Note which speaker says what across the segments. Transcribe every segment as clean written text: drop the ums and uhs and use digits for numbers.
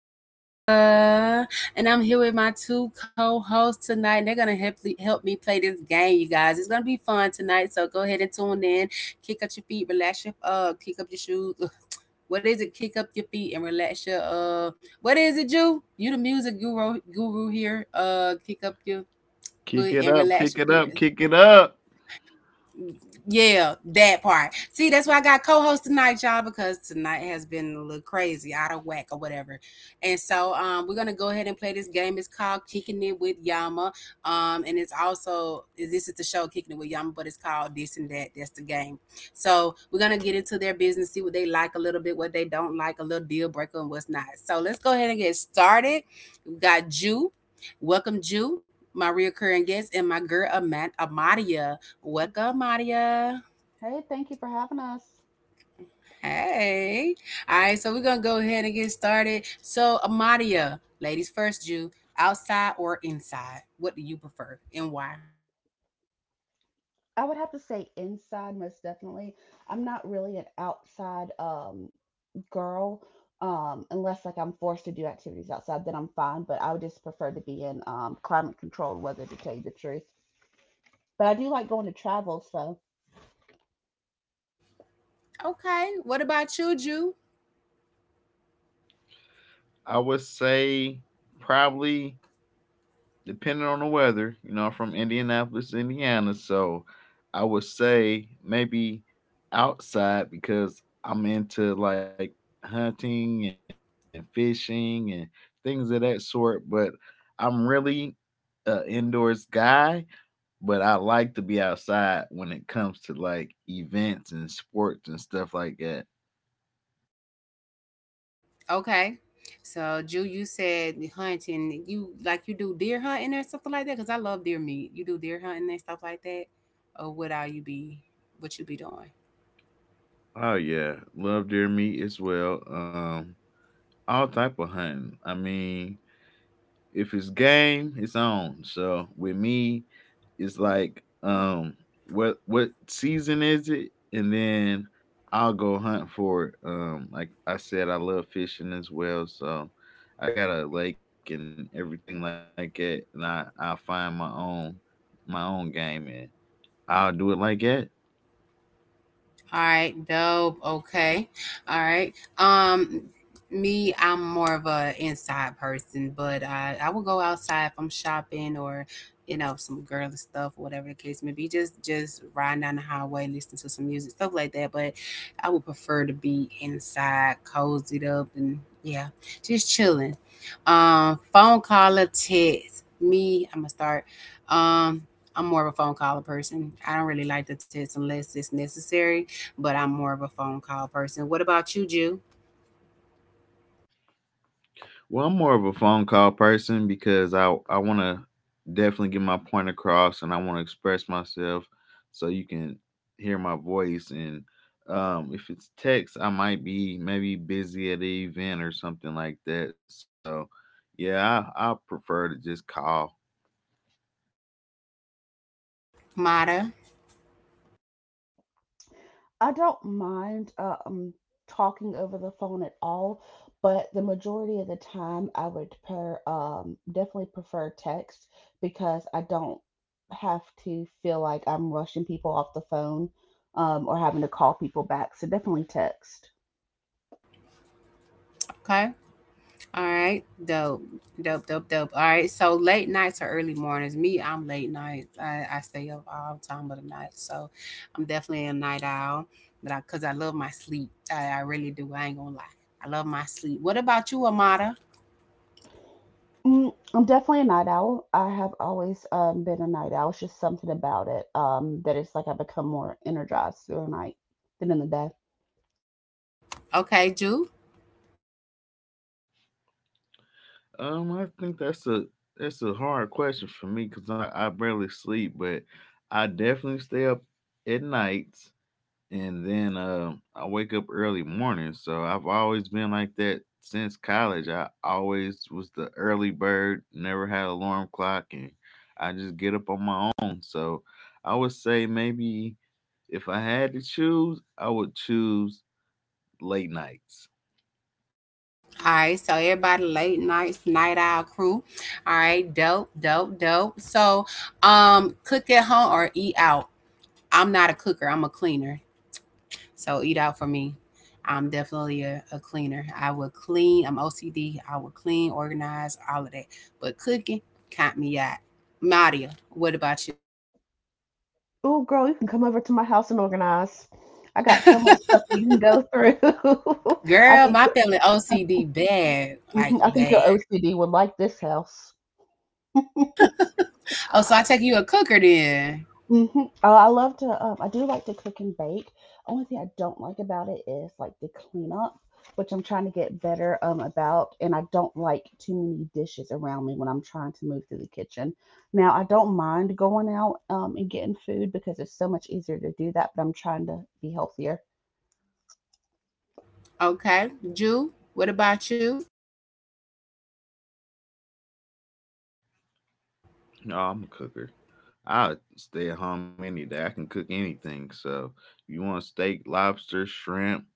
Speaker 1: Yama, and I'm here with my two co-hosts tonight. And They're gonna help me play this game, you guys. It's gonna be fun tonight, so go ahead and tune in. Kick up your feet, relax your kick up your shoes. Ugh, what is it? Kick up your feet and relax your What is it, you? You the music guru here. Kick up your
Speaker 2: Kick
Speaker 1: foot
Speaker 2: it
Speaker 1: and
Speaker 2: up,
Speaker 1: relax
Speaker 2: kick
Speaker 1: your
Speaker 2: it
Speaker 1: feet.
Speaker 2: up, kick it up.
Speaker 1: Yeah, that part. See, that's why I got co-host tonight, y'all, because tonight has been a little crazy, out of whack or whatever. And so, we're gonna go ahead and play this game. It's called Kicking It with Yama. And it's also This is the show Kicking It with Yama, but it's called This and That. That's the game. So we're gonna get into their business, see what they like a little bit, what they don't like, a little deal breaker, and what's not. So let's go ahead and get started. We got Jew. Welcome, Jew, my reoccurring guest, and my girl Amadia. What's up, Maria?
Speaker 3: Hey, thank you for having us.
Speaker 1: Hey. All right, so we're gonna go ahead and get started. So, ladies first, you outside or inside? What do you prefer and why?
Speaker 3: I would have to say inside, most definitely. I'm not really an outside girl, unless like I'm forced to do activities outside, then I'm fine. But I would just prefer to be in climate controlled weather, to tell you the truth. But I do like going to travel, so.
Speaker 1: Okay. What about you, Ju?
Speaker 2: I would say probably, depending on the weather, you know, I'm from Indianapolis, Indiana. So I would say maybe outside, because I'm into like hunting and fishing and things of that sort. But I'm really an indoors guy, but I like to be outside when it comes to like events and sports and stuff like that.
Speaker 1: Okay. So, Ju, you said hunting. You like you do deer hunting or something like that? Because I love deer meat. You do deer hunting and stuff like that, or what are you be? what you be doing?
Speaker 2: Oh yeah, love deer meat as well. All type of hunting. I mean, if it's game, it's on. So with me, it's like what season is it? And then I'll go hunt for it. Like I said, I love fishing as well. So I got a lake and everything like that, and I find my own game, and I'll do it like that.
Speaker 1: All right, dope. Okay. All right. Um Me, I'm more of a inside person, but I will go outside if I'm shopping or you know some girl and stuff, whatever the case may be. Just riding down the highway, listening to some music, stuff like that. But I would prefer to be inside, cozied up, and yeah, just chilling. Phone call or text. Me, I'm gonna start. Um, I'm more of a phone caller person. I don't really like to text unless it's necessary, but I'm more of a phone call person. What about you, Jew?
Speaker 2: Well, I'm more of a phone call person because I want to definitely get my point across, and I want to express myself so you can hear my voice. And if it's text, I might be maybe busy at an event or something like that. So, yeah, I prefer to just call.
Speaker 1: Mata.
Speaker 3: I don't mind talking over the phone at all, but the majority of the time I would per definitely prefer text because I don't have to feel like I'm rushing people off the phone or having to call people back. So definitely text.
Speaker 1: Okay. All right. Dope. Dope, dope, dope. All right. So late nights or early mornings. Me, I'm late nights. I stay up all time of the night. So I'm definitely a night owl. But cause I love my sleep. I really do. I ain't gonna lie. I love my sleep. What about you, Amata?
Speaker 3: I'm definitely a night owl. I have always been a night owl. It's just something about it that it's like I become more energized through the night than in the day.
Speaker 1: Okay, Jew.
Speaker 2: I think that's a hard question for me, cuz I barely sleep, but I definitely stay up at night, and then I wake up early morning. So I've always been like that since college. I always was the early bird, never had alarm clock, and I just get up on my own. So I would say maybe if I had to choose, I would choose late nights.
Speaker 1: All right, so everybody late nights, night owl crew. All right, dope, dope, dope. So, cook at home or eat out? I'm not a cooker. I'm a cleaner. So eat out for me. I'm definitely a cleaner. I will clean. I'm OCD. I will clean, organize, all of that. But cooking, count me out. Nadia, what about
Speaker 3: Oh, girl, you can come over to my house and organize. I got
Speaker 1: you?
Speaker 3: so much stuff that you can go through. I
Speaker 1: Girl,
Speaker 3: think,
Speaker 1: my family OCD bad, like
Speaker 3: mhm, I think your
Speaker 1: bad.
Speaker 3: OCD would like this house.
Speaker 1: Oh, so I take you a cooker then.
Speaker 3: Mm-hmm. Oh, I love to. I do like to cook and bake. Only thing I don't like about it is like the cleanup, which I'm trying to get better about. And I don't like too many dishes around me when I'm trying to move through the kitchen. Now I don't mind going out and getting food because it's so much easier to do that. But I'm trying to be healthier.
Speaker 1: Okay, Jew. What about you?
Speaker 2: No, I'm a cooker. I stay at home any day. I can cook anything. So if you want steak, lobster, shrimp,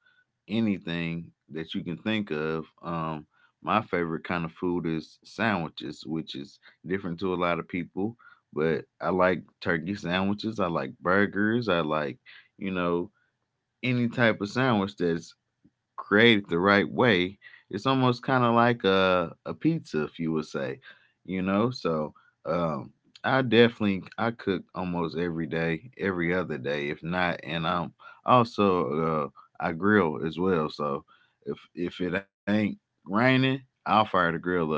Speaker 2: anything that you can think of. My favorite kind of food is sandwiches, which is different to a lot of people. But I like turkey sandwiches. I like burgers. I like, you know, any type of sandwich that's created the right way, it's almost kind of like a pizza, if you would say, you know? So, um, I definitely I cook almost every day, every other day, if not. And I'm also, I grill as well. So if it ain't raining, I'll fire the grill up.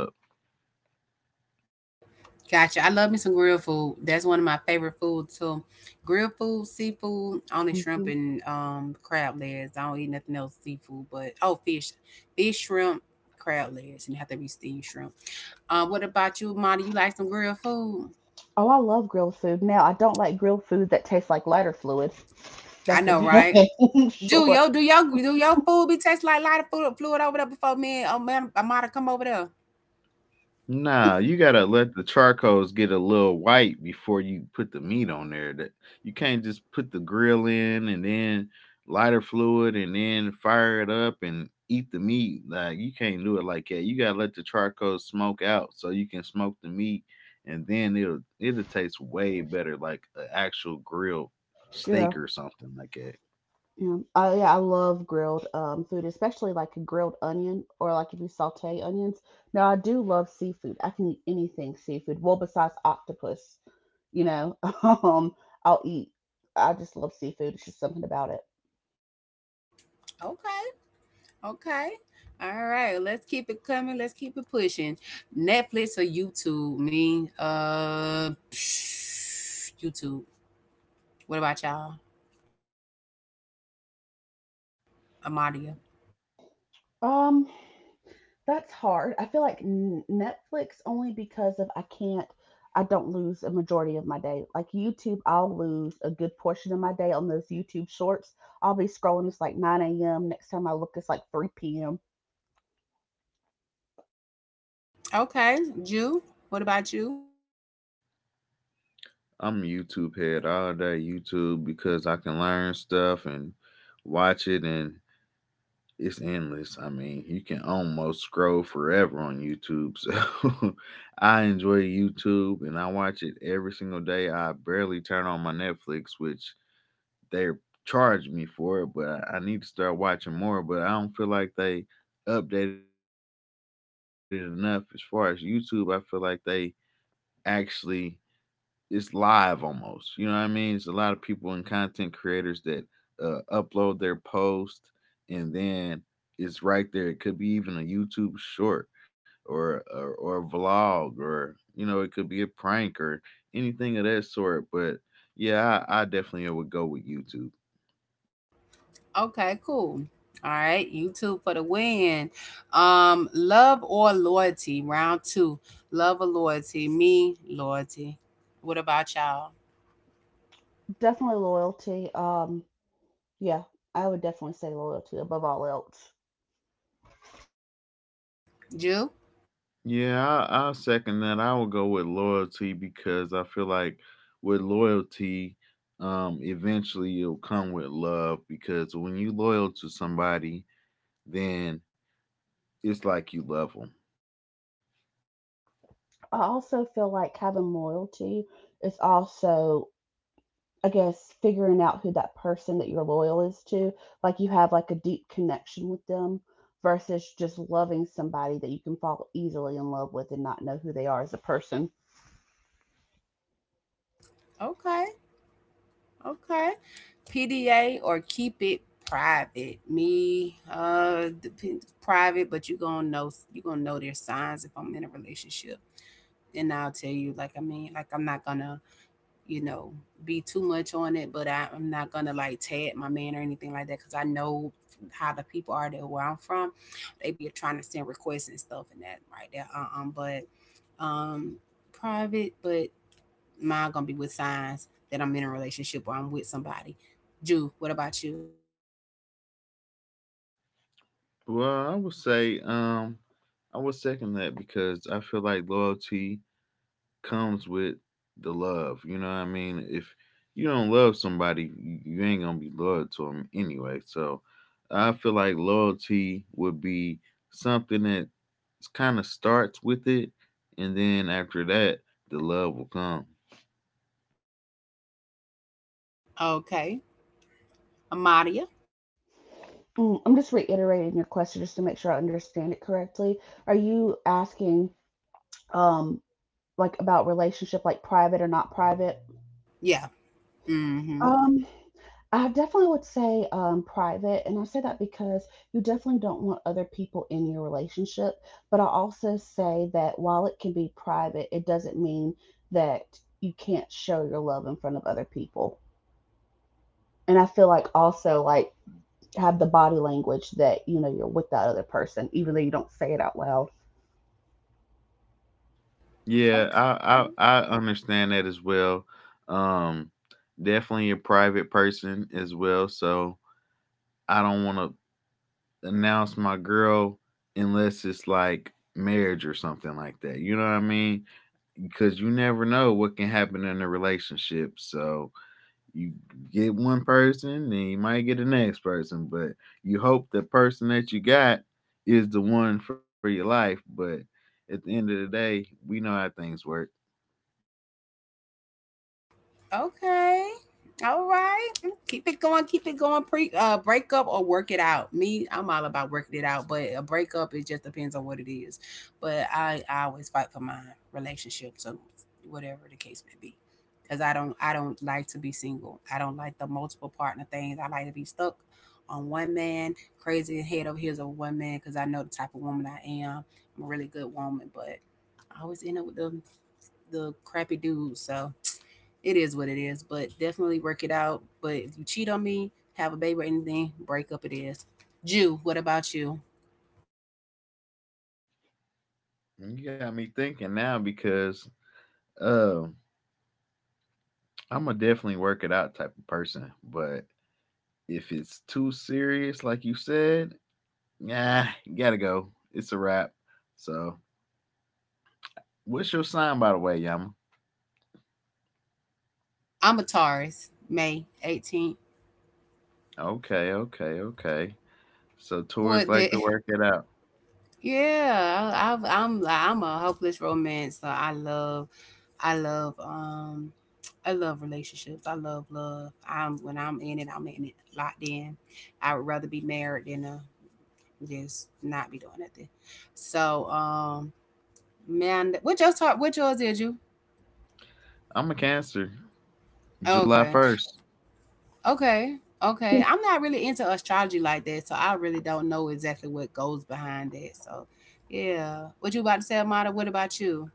Speaker 1: Gotcha. I love me some grilled food. That's one of my favorite foods too. Grilled food, seafood, only shrimp
Speaker 3: Mhm.
Speaker 1: and crab legs. I don't eat nothing else seafood, but oh fish, shrimp, crab legs, and it have to be steamed shrimp. What about you, Monty? You like some grilled food?
Speaker 3: Oh, I love grilled food. Now, I don't like grilled food that tastes like lighter fluid.
Speaker 1: I
Speaker 3: That's for
Speaker 1: know, right?
Speaker 3: dang sure.
Speaker 1: Do your food be taste like a lot of food fluid over there before me? And oh man, Amada come over there.
Speaker 2: Nah, you gotta let the charcoals get a little white before you put the meat on there. That you can't just put the grill in and then lighter fluid and then fire it up and eat the meat. Like you can't do it like that. You gotta let the charcoal smoke out so you can smoke the meat, and then it'll taste way better, like an actual grilled
Speaker 3: Yeah.
Speaker 2: steak or something like that.
Speaker 3: Yeah. Yeah, I love grilled food, especially like a grilled onion or like if you saute onions. Now, I do love seafood. I can eat anything seafood. Well, besides octopus, you know, um, I'll eat. I just love seafood. It's just something about it.
Speaker 1: Okay. Okay. All right. Let's keep it coming. Let's keep it pushing. Netflix or YouTube? Me, YouTube. What about y'all? Amadia.
Speaker 3: Um. That's hard. I feel like Netflix only because of I can't, I don't lose a majority of my day. Like YouTube, I'll lose a good portion of my day on those YouTube shorts. I'll be scrolling, it's like 9 a.m. Next time I look, it's like 3 p.m.
Speaker 1: Okay. Jew. What about you?
Speaker 2: I'm a YouTube head. All day YouTube, because I can learn stuff and watch it, and it's endless. I mean, you can almost scroll forever on YouTube. So I enjoy YouTube, and I watch it every single day. I barely turn on my Netflix, which they're charging me for it, but I need to start watching more. But I don't feel like they updated enough as far as YouTube. I feel like they actually, it's live almost. You know what I mean? It's a lot of people and content creators that upload their post, and then it's right there. It could be even a YouTube short, or or a vlog, or, you know, it could be a prank or anything of that sort. But yeah, I definitely would go with YouTube.
Speaker 1: Okay. Cool. All right. YouTube for the win. Love or loyalty? Round two. Love or loyalty? Me, loyalty. What about y'all?
Speaker 3: Definitely loyalty. Yeah, I would definitely say loyalty above all else.
Speaker 1: Jew.
Speaker 2: Yeah, I'll second that. I will go with loyalty because I feel like with loyalty, eventually it'll come with love, because when you loyal to somebody, then it's like you love them.
Speaker 3: I also feel like having loyalty is also I guess figuring out who that person that you're loyal is to, like you have like a deep connection with them versus just loving somebody that you can fall easily in love with and not know who they are as a person.
Speaker 1: Okay. Okay. PDA or keep it private. Me, private, but you gonna know their signs if I'm in a relationship, and I'll tell you. I mean, like I'm not gonna, you know, be too much on it, but I'm not gonna like tag my man or anything like that because I know how the people are that where I'm from. They be trying to send requests and stuff and that right there. But um, Private, but mine gonna be with signs that I'm in a relationship or I'm with somebody. Jew, what about you?
Speaker 2: Well, I would say, I would second that because I feel like loyalty comes with the love. You know what I mean? If you don't love somebody, you ain't gonna be loyal to them anyway. So I feel like loyalty would be something that kind of starts with it, and then after that, the love will come.
Speaker 1: Okay, Amadia.
Speaker 3: I'm just reiterating your question just to make sure I understand it correctly. Are you asking um like about relationship like private or not private?
Speaker 1: Yeah. Mm-hmm.
Speaker 3: Um I definitely would say private, and I say that because you definitely don't want other people in your relationship. But I also say that while it can be private, it doesn't mean that you can't show your love in front of other people. And I feel like also like have the body language that you know you're with that other person, even though you don't say it out loud.
Speaker 2: Yeah,
Speaker 1: Okay.
Speaker 2: I understand that as well. Um, Definitely a private person as well, so I don't want to announce my girl unless it's like marriage or something like that. You know what I mean? Because you never know what can happen in a relationship. So you get one person, then you might get the next person, but you hope the person that you got is the one for your life. But at the end of the day, we know how things work.
Speaker 1: Okay. All right. Keep it going. Keep it going. Pre Break up or work it out. Me, I'm all about working it out, but a breakup, it just depends on what it is. But I always fight for my relationship, so whatever the case may be. Cause I don't like to be single. I don't like the multiple partner things. I like to be stuck on one man, crazy head over heels over one man, because I know the type of woman I am. I'm a really good woman, but I always end up with the crappy dudes. So it is what it is, but definitely work it out. But if you cheat on me, have a baby or anything, break up it is. Jew, what about you?
Speaker 2: And you got me thinking now, because uh, I'm a definitely work it out type of person, but if it's too serious, like you said, nah, you gotta go. It's a wrap. So, what's your sign, by the way, Yama?
Speaker 1: I'm a Taurus, May 18th.
Speaker 2: Okay, okay, okay. So, Taurus
Speaker 1: What
Speaker 2: like
Speaker 1: the
Speaker 2: to work it out.
Speaker 1: Yeah, I, I've- I'm a hopeless romance. So I love, I love, I love relationships. I love love. I'm When I'm in it locked in. I would rather be married than just not be doing nothing. So, man, what yours? What yours is you?
Speaker 2: I'm a Cancer. July
Speaker 1: Okay.
Speaker 2: 1st.
Speaker 1: Okay. Okay. I'm not really into astrology like that, so I really don't know exactly what goes behind that. So, yeah. What you about to say, Amada? What about you?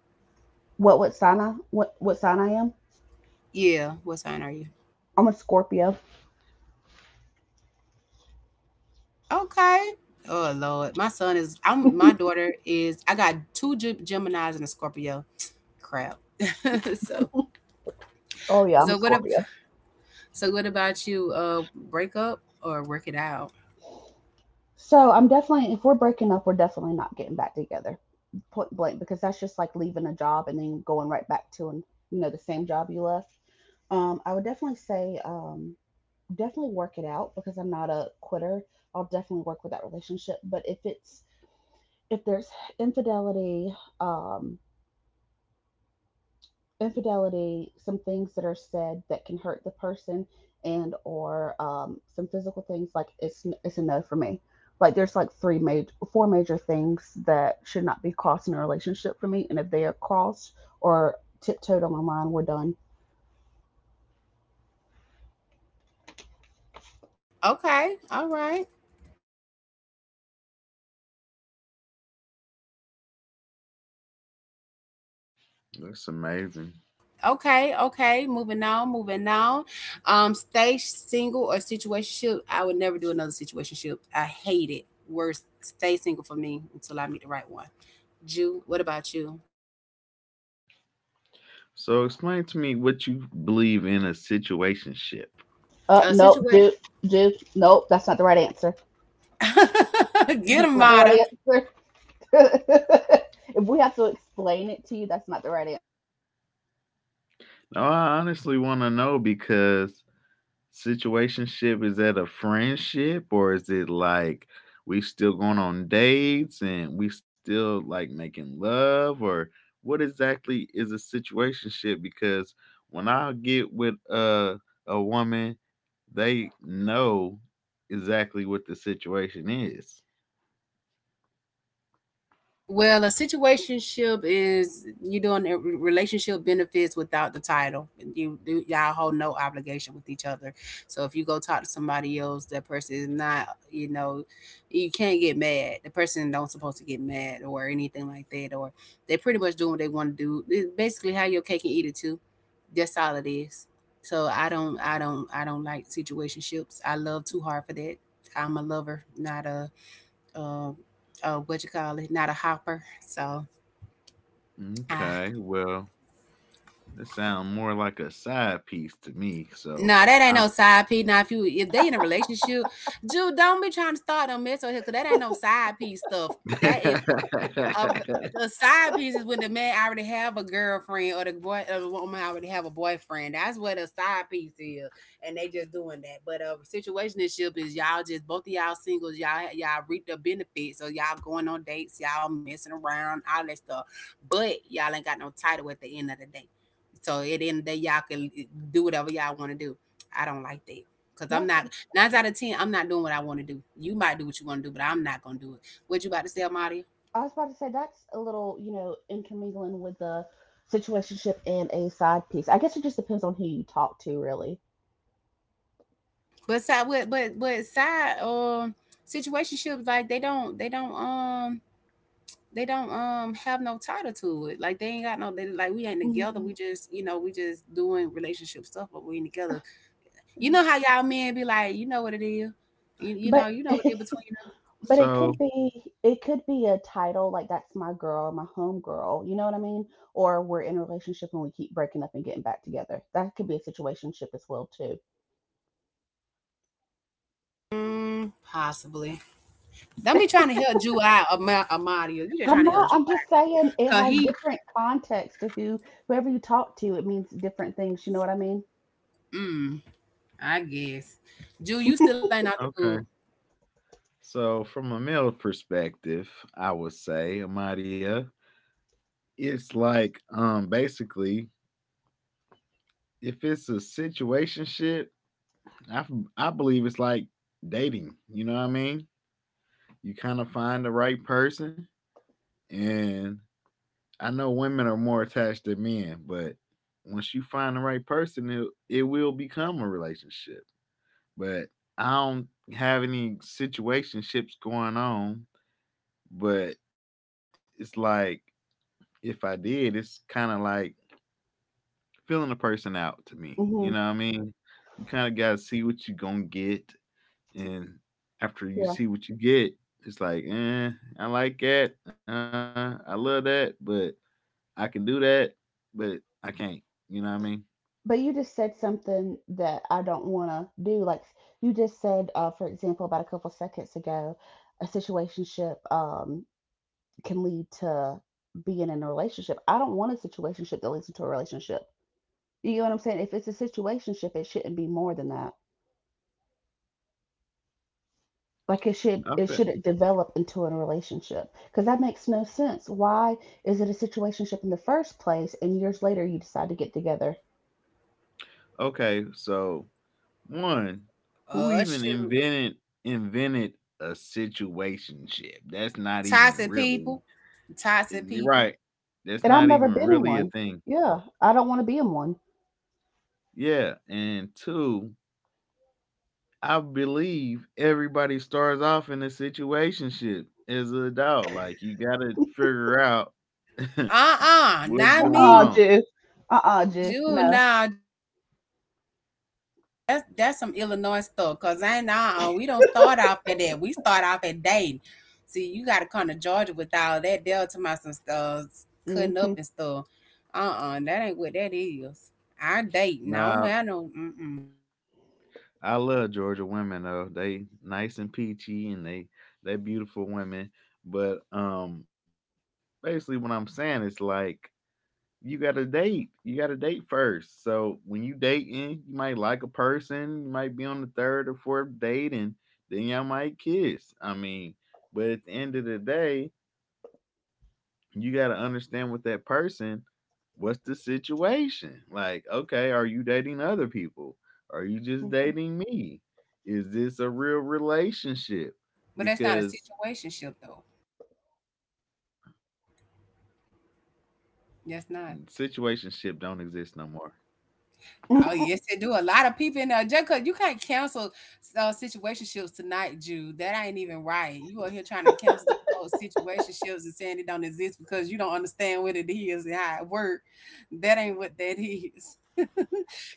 Speaker 3: What sign I am?
Speaker 1: Yeah. What sign are you?
Speaker 3: I'm a Scorpio.
Speaker 1: Okay. Oh Lord, my son is. I'm. My daughter is. I got two Gemini's and a Scorpio. Crap. So,
Speaker 3: Oh yeah, I'm a
Speaker 1: so what? ab-
Speaker 3: Scorpio.
Speaker 1: So what about you? Break up or work it out?
Speaker 3: So I'm definitely, if we're breaking up, we're definitely not getting back together, point blank, because that's just like leaving a job and then going right back to the same job you left. I would definitely say definitely work it out because I'm not a quitter. I'll definitely work with that relationship. But if there's infidelity, um, infidelity, some things that are said that can hurt the person and or some physical things, like it's a no for me, like there's like three major four major things that should not be crossed in a relationship for me, and if they are crossed or tiptoed on, my mind, we're done.
Speaker 1: Okay. All right.
Speaker 2: That's amazing.
Speaker 1: Okay, okay. Moving on, moving on. Stay single or situationship. I would never do another situationship. I hate it. Worst, stay single for me until I meet the right one. Jew, what about you?
Speaker 2: So, explain to me what you believe in a situationship.
Speaker 1: A
Speaker 3: Nope,
Speaker 1: situation.
Speaker 3: dude, dude, nope, that's not the right answer.
Speaker 1: Get
Speaker 3: That's
Speaker 1: 'em,
Speaker 3: not the right
Speaker 1: Mata.
Speaker 3: answer. If we have to explain it to you, that's not the right answer.
Speaker 2: Oh, I honestly want to know, because situationship? Is that a friendship, or is it like we still going on dates and we still like making love, or what exactly is a situationship? Because when I get with a woman, they know exactly what the situation is.
Speaker 1: Well, a situationship is you doing a relationship benefits without the title. You do Y'all hold no obligation with each other. So if you go talk to somebody else, that person is not, you know, you can't get mad. The person don't supposed to get mad or anything like that. Or they pretty much doing what they want to do. It's basically how your cake and eat it too. That's all it is. So I don't like situationships. I love too hard for that. I'm a lover, not a um oh, what you call it, not a hopper. So ah
Speaker 2: Okay, well, that sounds more like a side piece to me. So,
Speaker 1: nah, that ain't no side piece. Now if they in a relationship, Jude, don't be trying to start no mess with here, cause that ain't no side piece stuff. That is of
Speaker 2: I
Speaker 1: The side piece is when the man already have a girlfriend or the boy or the woman already have a boyfriend. That's what the side piece is, and they just doing that. But a situationship is y'all just both of y'all singles. Y'all reap the benefits, so y'all going on dates, y'all messing around, all that stuff. But y'all ain't got no title at the end of the day. So at the end of the day, do whatever y'all want to do. I don't like that. Cause I'm
Speaker 3: That's
Speaker 1: not nine out of ten. I'm not doing what I want to do. You might do what you want to do, but I'm not gonna do it. What you about to say, Amadia?
Speaker 3: I was about to say that's a little, intermingling with the situationship and a side piece. I guess it just depends on who you talk to, really.
Speaker 1: But side situationships, like they don't have no title to it. Like they ain't got no they, like we ain't together. We
Speaker 3: Mm,
Speaker 1: just, you know, we just doing relationship stuff, but we ain't together. You
Speaker 3: yeah.
Speaker 1: know how y'all men be like, you know what it is. You
Speaker 3: But
Speaker 1: know what it is between them.
Speaker 3: but
Speaker 2: So,
Speaker 3: it could be a title, like that's my girl, my home girl, you know what I mean? Or we're in a relationship and we keep breaking up and getting back together. That could be a situationship as well too.
Speaker 1: Mm, possibly. Don't be trying to help Jew out, Amadio. You just
Speaker 3: I'm
Speaker 1: trying to help
Speaker 3: not,
Speaker 1: Jew
Speaker 3: I'm just saying it
Speaker 1: out. Cause
Speaker 3: has
Speaker 1: he,
Speaker 3: different context to whoever you talk to, it means different things, you know what I mean?
Speaker 1: mm, I guess. Jew, you still ain't out the hood.
Speaker 2: okay. So, from a male perspective, I would say, Amadia, it's like basically, if it's a situationship, shit, I f- I believe it's like dating. You know what I mean? You kind of find the right person, and I know women are more attached than men, but once you find the right person, it will become a relationship. But I don't have any situationships going on, but it's like if I did, it's kind of like feeling a person out to me. You know what
Speaker 3: Hmm.
Speaker 2: I mean? You kind of got to see what you going to get. And after you
Speaker 3: Yeah.
Speaker 2: see what you get, it's like, eh, I like that. I love that, but I can do that, but I can't. You know what I mean?
Speaker 3: But you just said something that I don't want to do. Like you just said, for example, about a couple seconds ago, a situationship can lead to being in a relationship. I don't want a situationship that leads into a relationship. You know what I'm saying? If it's a situationship, it shouldn't be more than that. Like
Speaker 2: I
Speaker 3: it
Speaker 2: fe-
Speaker 3: shouldn't develop into a relationship because that makes no sense. Why is it a situationship in the first place, and years later you decide to get together?
Speaker 2: okay, so one, who
Speaker 1: Oh
Speaker 2: even
Speaker 1: shoot.
Speaker 2: invented invented a situationship? That's not even
Speaker 1: Toxic
Speaker 2: really,
Speaker 1: people Toxic people.
Speaker 2: right? That's
Speaker 3: And I've
Speaker 2: not
Speaker 3: never
Speaker 2: even
Speaker 3: been in
Speaker 2: really a
Speaker 3: one.
Speaker 2: thing.
Speaker 3: Yeah, I don't want to be in one.
Speaker 2: Yeah, and two, I believe everybody starts off in a situationship as an adult. Like you gotta figure out what's
Speaker 1: Uh-uh,
Speaker 2: going
Speaker 1: not
Speaker 2: on.
Speaker 3: Uh-uh,
Speaker 1: me.
Speaker 3: Jew. Uh-uh, Jew.
Speaker 1: You
Speaker 3: No.
Speaker 1: Nah, that's some Illinois stuff. Cause I ain't uh-uh. We don't start off at that. We start off at dating. See, you gotta come to Georgia with all that Delta my some stuff cutting up
Speaker 3: Mm-hmm.
Speaker 1: and stuff. Uh-uh, that ain't what that is. I date. No, I don't
Speaker 2: Now,
Speaker 1: have no mm-mm.
Speaker 2: I love Georgia women though. They nice and peachy, and they beautiful women. But basically what I'm saying is, like, you gotta date. You gotta date first. So when you dating, you might like a person, you might be on the third or fourth date, and then y'all might kiss. I mean, but at the end of the day, you gotta understand with that person, what's the situation? Like, okay, are you dating other people? Are you just
Speaker 3: Mm-hmm.
Speaker 2: dating me? Is this a real relationship?
Speaker 1: But that's not a
Speaker 2: Because
Speaker 1: situationship though.
Speaker 2: situationship don't
Speaker 1: That's
Speaker 2: exist
Speaker 1: not.
Speaker 2: no more.
Speaker 1: Oh yes, they do. A lot of people in there. Just 'cause you can't cancel situationships tonight, Jude. That ain't even right. You are here trying to cancel these folks' situationships and saying it don't exist because you don't understand what it is and how it works. That ain't what that is.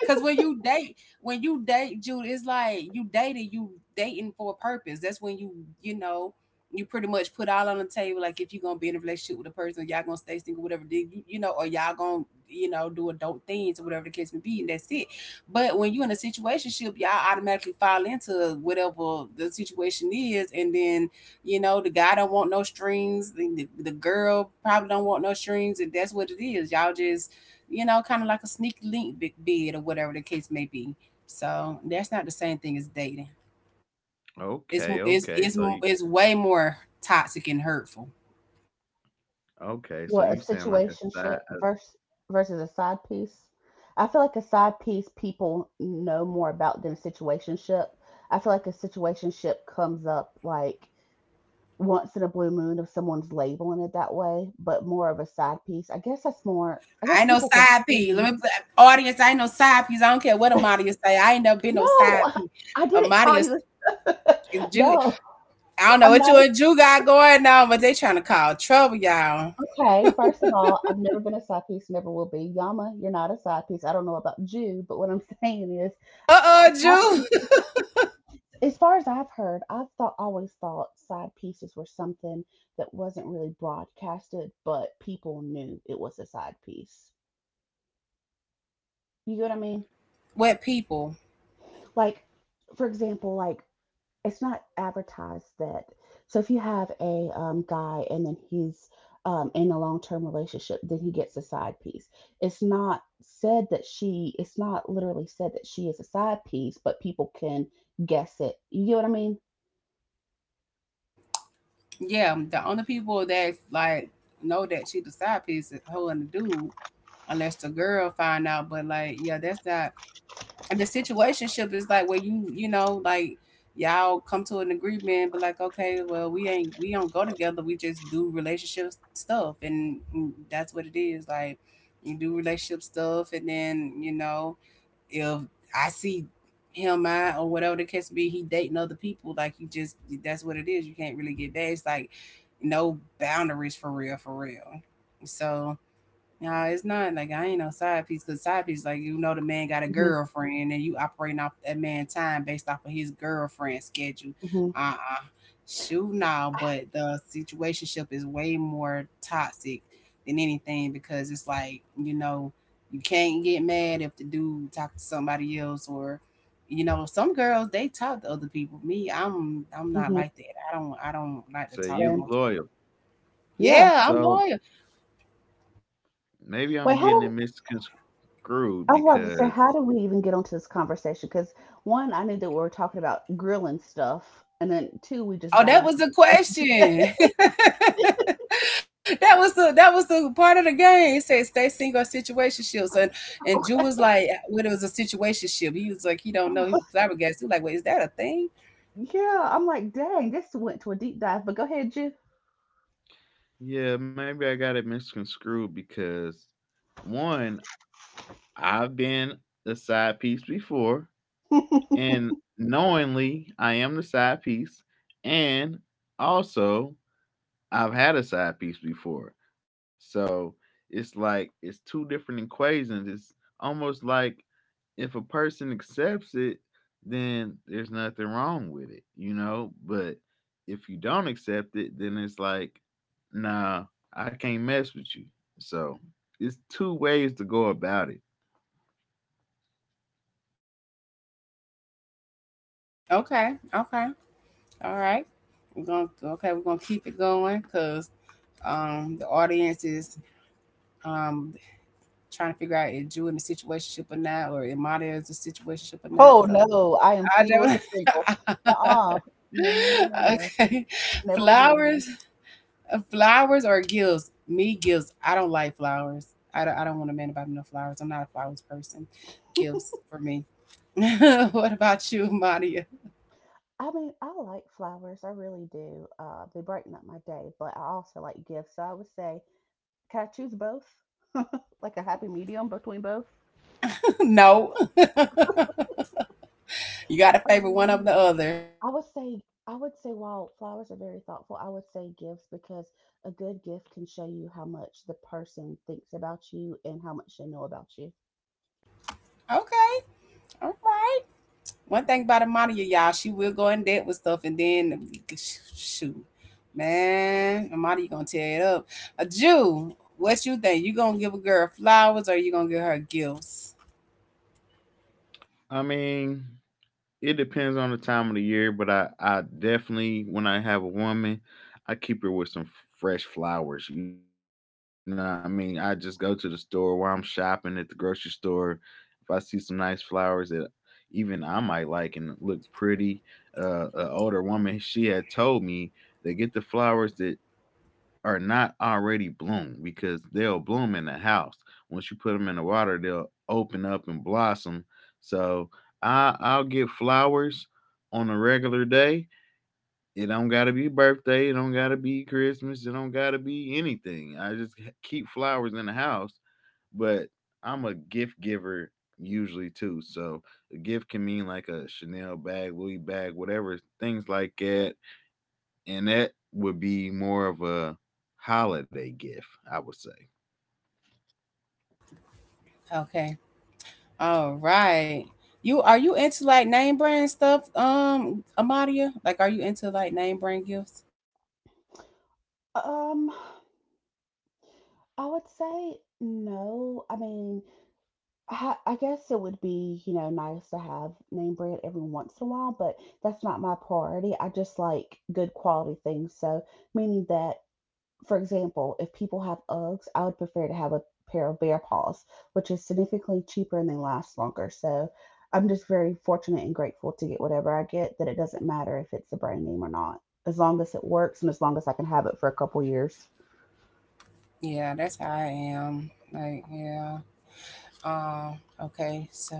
Speaker 1: 'Cause when you date, Jude, it's like you dating for a purpose. That's when you know you pretty much put all on the table, like if you're gonna be in a relationship with a person, y'all gonna stay single, whatever, then you know or y'all gonna, do adult things or whatever the case may be, and that's it. But when you're in a situationship, y'all automatically fall into whatever the situation is, and then, the guy don't want no strings, the girl probably don't want no strings, and that's what it is. Y'all just, kind of like a sneak link, big bid, or whatever the case may be. So that's not the same thing as dating. it's
Speaker 2: Okay,
Speaker 1: it's
Speaker 2: okay.
Speaker 1: it's
Speaker 2: So
Speaker 1: it's way more toxic and hurtful.
Speaker 2: okay, so
Speaker 3: What
Speaker 2: you
Speaker 3: a
Speaker 2: sound like a side
Speaker 3: situationship
Speaker 2: a,
Speaker 3: versus versus a side piece. I feel like a side piece people know more about than a situationship. I feel like a situationship comes up like once in a blue moon if someone's labeling it that way, but more of a side piece. I guess that's more. I
Speaker 1: I
Speaker 3: guess
Speaker 1: ain't no
Speaker 3: people can
Speaker 1: side P. Let
Speaker 3: see.
Speaker 1: me audience. I ain't no side piece. I don't care what Amadia say. I ain't never been no
Speaker 3: No,
Speaker 1: side P.
Speaker 3: I didn't call
Speaker 1: Amadia,
Speaker 3: you.
Speaker 1: Ju,
Speaker 3: No,
Speaker 1: I don't know
Speaker 3: I'm
Speaker 1: what you
Speaker 3: not.
Speaker 1: and Ju got going on, but they trying to call trouble, y'all.
Speaker 3: Okay, first of all, I've never been a side piece, never will be. Yama, you're not a side piece. I don't know about you, but what I'm saying is,
Speaker 1: Uh,
Speaker 3: side
Speaker 1: Ju.
Speaker 3: pieces, as far as I've heard, I've thought always thought side pieces were something that wasn't really broadcasted, but people knew it was a side piece. You get what I mean?
Speaker 1: What people?
Speaker 3: Like, for example, like it's not advertised that. So if you have a guy, and then he's in a long-term relationship, then he gets a side piece. It's not said that she. It's not literally said that she is a side piece, but people can guess it. You get what I mean?
Speaker 1: Yeah, the only people that like know that she the side piece is her and the dude, unless the girl find out. But like, yeah, that's not. The situationship is like where you know like y'all come to an agreement, but like, okay, well, we ain't, we don't go together, we just do relationship stuff, and that's what it is. Like, you do relationship stuff, and then, if I see him, I or whatever the case be, he dating other people, like you just, that's what it is. You can't really get back, it's like no boundaries for real, for real. So nah, it's not like I ain't no side piece, because side piece, like, the man got a
Speaker 3: Hmm.
Speaker 1: girlfriend and you operating off that man's time based off of his girlfriend schedule.
Speaker 3: Hmm.
Speaker 1: Uh, shoot now, but the situationship is way more toxic than anything, because it's like, you can't get mad if the dude talk to somebody else, or, some girls they talk to other people. Me, I'm not
Speaker 3: Hmm.
Speaker 1: like that. I don't like to
Speaker 2: so
Speaker 1: talk to
Speaker 3: So
Speaker 2: you
Speaker 1: multiple.
Speaker 2: loyal.
Speaker 3: yeah.
Speaker 1: Yeah, I'm
Speaker 2: So,
Speaker 1: loyal.
Speaker 2: maybe
Speaker 3: Wait,
Speaker 2: I'm
Speaker 3: how
Speaker 2: getting
Speaker 3: do
Speaker 2: it misconstrued
Speaker 3: I was about to say,
Speaker 2: because,
Speaker 3: how do we even get onto this conversation? Because one, I knew that we were talking about grilling stuff, and then two, we just
Speaker 1: Oh,
Speaker 3: got
Speaker 1: that was
Speaker 3: onto.
Speaker 1: the
Speaker 3: It.
Speaker 1: question. That was the that was the part of the game. It said stay single or situationships. And Jew was like, when it was a situationship, he was like, he don't know. He was flabbergasted. He was like, wait, is that a thing?
Speaker 3: Yeah, I'm like, dang, this went to a deep dive, but go ahead, Jeff.
Speaker 2: yeah, maybe I got it misconstrued because, one, I've been the side piece before, and knowingly I am the side piece, and also I've had a side piece before. So it's like it's two different equations. It's almost like if a person accepts it, then there's nothing wrong with it, you know? But if you don't accept it, then it's like, nah, I can't mess with you. So it's two ways to go about it.
Speaker 1: Okay, okay, all right. We're gonna, okay, we're gonna keep it going because the audience is um trying to figure out if Jew in a situationship or not, or if Mata is a situationship or not.
Speaker 3: Oh
Speaker 1: So
Speaker 3: no, I am single as
Speaker 1: I
Speaker 3: a Pringle. Uh-uh.
Speaker 1: don't.
Speaker 3: No, no, no, no, no.
Speaker 1: Okay.
Speaker 3: Never will be in one.
Speaker 1: Flowers. Flowers or gifts? Me, gifts. I don't like flowers. I don't want a man to buy me no flowers. I'm not a flowers person. Gifts for me. What about you, Maria?
Speaker 3: I mean, I like flowers, I really do. They brighten up my day, but I also like gifts. So I would say, can I choose both? Like a happy medium between both?
Speaker 1: No. You got to favor one of the
Speaker 3: Um,
Speaker 1: other.
Speaker 3: I would say, while flowers are very thoughtful, I would say gifts because a good gift can show you how much the person thinks about you and how much they know about you.
Speaker 1: Okay. All right. One thing about Amadia, y'all, she will go in debt with stuff, and then sh- shoot. Man, Amadia gonna tear it up. A Jew, what you think? You gonna give a girl flowers, or you gonna give her gifts?
Speaker 2: I mean, it depends on the time of the year, but I definitely, when I have a woman, I keep her with some fresh flowers. You know what I mean? I just go to the store while I'm shopping at the grocery store. If I see some nice flowers that even I might like and look pretty, an older woman, she had told me that get the flowers that are not already bloomed, because they'll bloom in the house. Once you put them in the water, they'll open up and blossom. So I'll get flowers on a regular day. It don't gotta be birthday. It don't gotta be Christmas. It don't gotta be anything. I just keep flowers in the house, but I'm a gift giver usually too. So a gift can mean like a Chanel bag, Louis bag, whatever, things like that, and that would be more of a holiday gift, I would say.
Speaker 1: Okay. All right. You, are you into like name brand stuff, Amadia? Like, are you into like name brand gifts?
Speaker 3: Um, I would say no. I mean, I guess it would be, nice to have name brand every once in a while, but that's not my priority. I just like good quality things. So, meaning that, for example, if people have Uggs, I would prefer to have a pair of Bear Paws, which is significantly cheaper and they last longer. So, I'm just very fortunate and grateful to get whatever I get, that it doesn't matter if it's a brand name or not, as long as it works and as long as I can have it for a couple years.
Speaker 1: Yeah, that's how I am. Like, yeah. Um. Okay. So.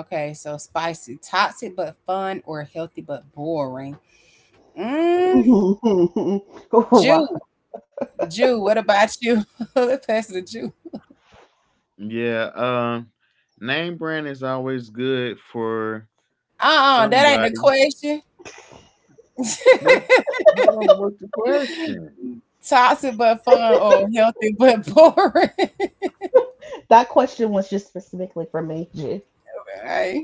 Speaker 1: Okay. So spicy, toxic but fun, or healthy but boring? Mm.
Speaker 3: Mhm. Mhm, mhm. Oh, wow.
Speaker 1: Jew, Jew. What about you? Let's pass it to Jew.
Speaker 2: Yeah, name brand is always good for
Speaker 1: Uh, uh, that ain't the
Speaker 2: somebody.
Speaker 1: question.
Speaker 2: But hold on, what's the question?
Speaker 1: Toxic but fun, or healthy but boring.
Speaker 3: That question was just specifically for me, G.
Speaker 1: Right.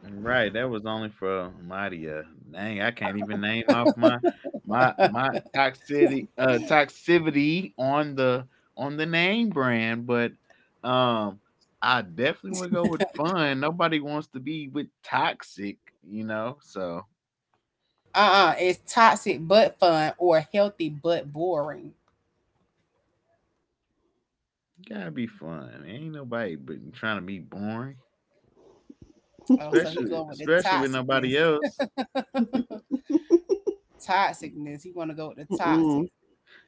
Speaker 2: Right, that was only for Maria. Dang, I can't even name off my toxicity, toxicity on the name brand, but um I definitely would go with fun. Nobody wants to be with toxic, you know. So
Speaker 1: Uh-uh, it's toxic but fun or healthy but boring.
Speaker 2: gotta be fun. Ain't nobody but trying to be boring,
Speaker 1: Oh, so he
Speaker 2: especially
Speaker 1: go with the
Speaker 2: especially with
Speaker 1: toxicness.
Speaker 2: nobody else.
Speaker 1: Toxicness. He want to go with the toxic.
Speaker 3: Mm-mm.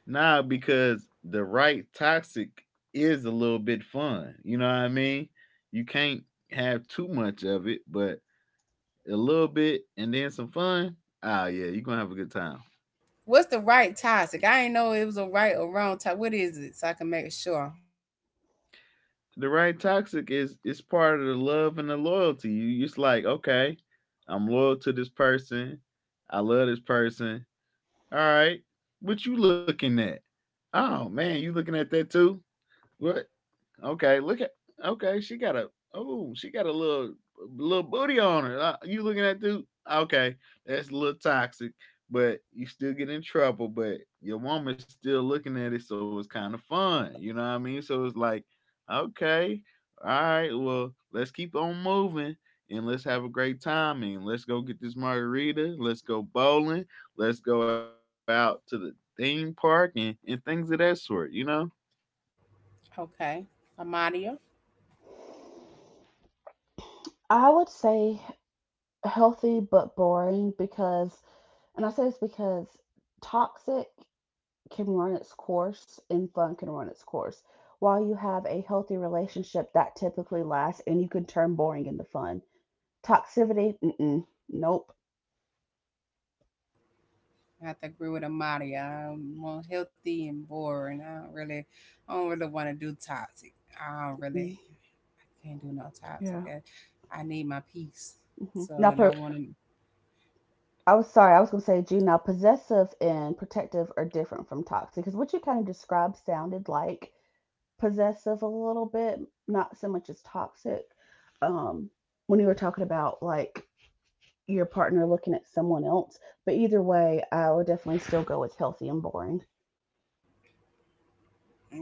Speaker 2: Nah, because the right toxic is a little bit fun. You know what I mean? You can't have too much of it, but a little bit and then some fun. Yeah, you're gonna have a good time.
Speaker 1: What's the right toxic? I ain't know it was a right or wrong toxic. What is it? So I can make sure.
Speaker 2: The right toxic is part of the love and the loyalty. You just like, okay, I'm loyal to this person. I love this person. Alright. What you looking at? Oh man, you looking at that too? What? Okay, look at, okay. She got a, oh, she got a little booty on her. You looking at dude? Okay, that's a little toxic, but you still get in trouble. But your woman's still looking at it, so it's kind of fun. You know what I mean? So it's like, okay, all right, well, let's keep on moving and let's have a great time and let's go get this margarita. Let's go bowling. Let's go out to the theme park and things of that sort. You know.
Speaker 1: Okay, Amadia.
Speaker 3: I would say healthy but boring because, and I say this because toxic can run its course and fun can run its course. While you have a healthy relationship, that typically lasts and you can turn boring into fun. Toxicity, mm-mm, nope.
Speaker 1: I have to agree with Amadia. I'm more healthy and boring. I don't really want to do toxic. I don't really,
Speaker 3: Mm,
Speaker 1: I can't do no toxic.
Speaker 3: yeah.
Speaker 1: I need my peace.
Speaker 3: Hmm.
Speaker 1: So,
Speaker 3: Not,
Speaker 1: and I want to.
Speaker 3: I was sorry, I was going to say June. Now, possessive and protective are different from toxic because what you kind of described sounded like possessive a little bit, not so much as toxic. Um, when you were talking about like your partner looking at someone else, but either way, I would definitely still go with healthy and boring.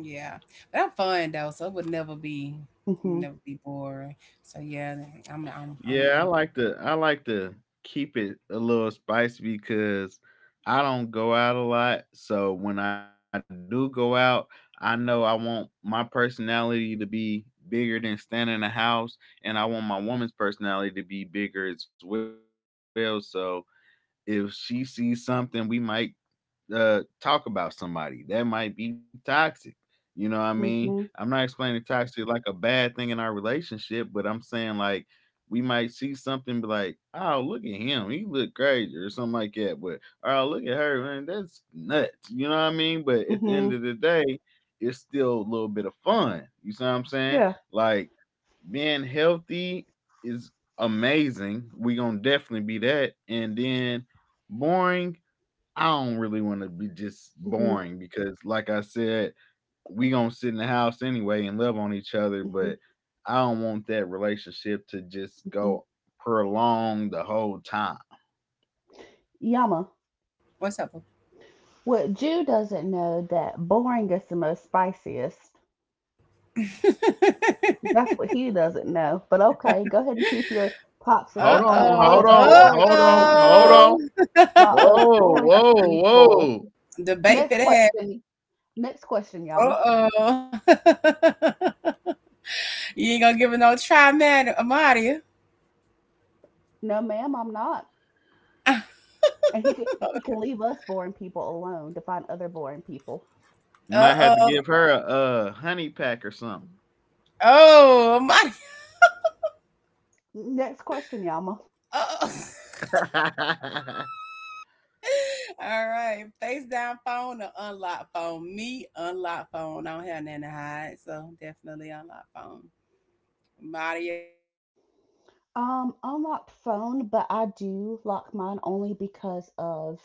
Speaker 1: Yeah, but I'm fun though, so it would never be,
Speaker 3: Mhm,
Speaker 1: never be boring. So yeah, I'm
Speaker 2: Yeah,
Speaker 1: but
Speaker 2: I
Speaker 1: I'm.
Speaker 2: like to I like to keep it a little spicy because I don't go out a lot. So when I do go out, I know I want my personality to be bigger than standing in the house and I want my woman's personality to be bigger as well. So if she sees something, we might talk about somebody. That might be toxic. You know what I mean? I'm not explaining
Speaker 3: mhm,
Speaker 2: toxic like a bad thing in our relationship, but I'm saying like we might see something, be like, oh, look at him. He look crazy or something like that. But oh, look at her, man. That's nuts. You know what I mean? But at the end of
Speaker 3: mhm.
Speaker 2: the day, it's still a little bit of fun. You see what I'm saying?
Speaker 3: Yeah.
Speaker 2: Like, being healthy is amazing. We gonna definitely be that. And then boring, I don't really want to be just
Speaker 3: Mhm,
Speaker 2: boring because, like I said, we gonna sit in the house anyway and love on each other. But
Speaker 3: mhm,
Speaker 2: I don't want that relationship to just
Speaker 3: mhm.
Speaker 2: go prolong the whole time.
Speaker 3: Yama.
Speaker 1: What's up?
Speaker 3: What Jew doesn't know that boring is the most spiciest. That's what he doesn't know. But okay, go ahead and keep your toxic
Speaker 1: Uh
Speaker 2: Hold
Speaker 3: and fun
Speaker 2: on,
Speaker 3: while
Speaker 1: oh,
Speaker 2: hold
Speaker 3: us
Speaker 2: on,
Speaker 1: uh
Speaker 2: hold on, hold
Speaker 1: oh.
Speaker 3: people,
Speaker 2: on. Whoa,
Speaker 3: boring
Speaker 2: whoa,
Speaker 3: people.
Speaker 2: whoa!
Speaker 1: Debate for
Speaker 3: Next
Speaker 1: the head.
Speaker 3: question. Next question, Yama.
Speaker 1: Uh oh. You ain't gonna give it no try, man. I'm out of you.
Speaker 3: No, ma'am, I'm not. And he can he can leave us boring people alone to find other boring people.
Speaker 2: Might have
Speaker 1: Uh
Speaker 2: to
Speaker 1: oh.
Speaker 2: give her a, honey pack or something.
Speaker 1: Oh, I'm out of here.
Speaker 3: Next question, Yama.
Speaker 1: Uh oh. All right. Face down phone or unlock phone? Me, unlock phone. I don't have nothing to hide. So definitely unlock phone. Maria.
Speaker 3: Unlocked phone, but I do lock mine only because of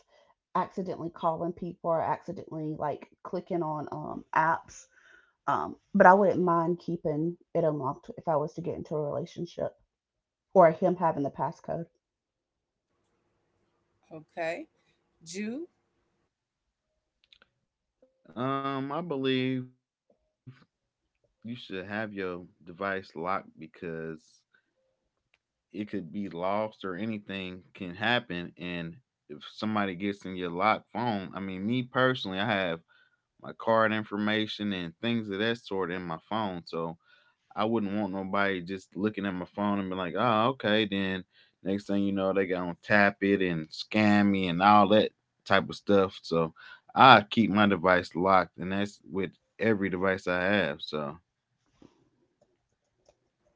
Speaker 3: accidentally calling people or accidentally like clicking on apps. But I wouldn't mind keeping it unlocked if I was to get into a relationship or him having the passcode.
Speaker 1: Okay. Jew.
Speaker 2: I believe you should have your device locked because it could be lost or anything can happen and if somebody gets in your locked phone, I mean, me personally, I have my card information and things of that sort in my phone, so I wouldn't want nobody just looking at my phone and be like oh okay, then next thing you know they gonna tap it and scam me and all that type of stuff. So I keep my device locked, and that's with every device I have. So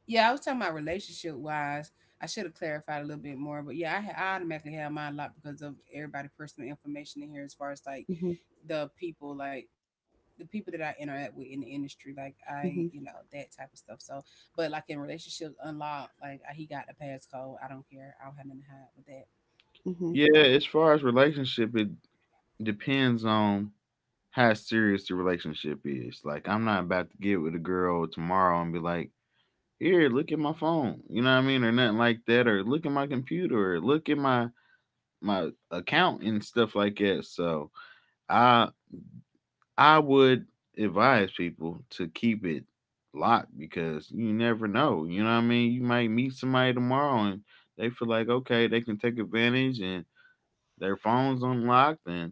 Speaker 1: Yeah, I was talking about relationship wise. I should have clarified a little bit more, but yeah, I, ha- I automatically have mine locked because of everybody' personal information in here, as far as
Speaker 3: hmm
Speaker 1: like the people that I interact with in the industry, like I, you know, that type of stuff. So, but like in relationships, unlock, like I- he got the passcode. I don't care. I don't have nothing to hide with that.
Speaker 3: hmm hmm
Speaker 2: yeah, as far as relationship, it depends on how serious the relationship is. Like, I'm not about to get with a girl tomorrow and be like, here, look at my phone. You know what I mean? Or nothing like that. Or look at my computer. Or look at my my account and stuff like that. So I I would advise people to keep it locked because you never know. You know what I mean? You might meet somebody tomorrow and they feel like okay, they can take advantage and their phone's unlocked and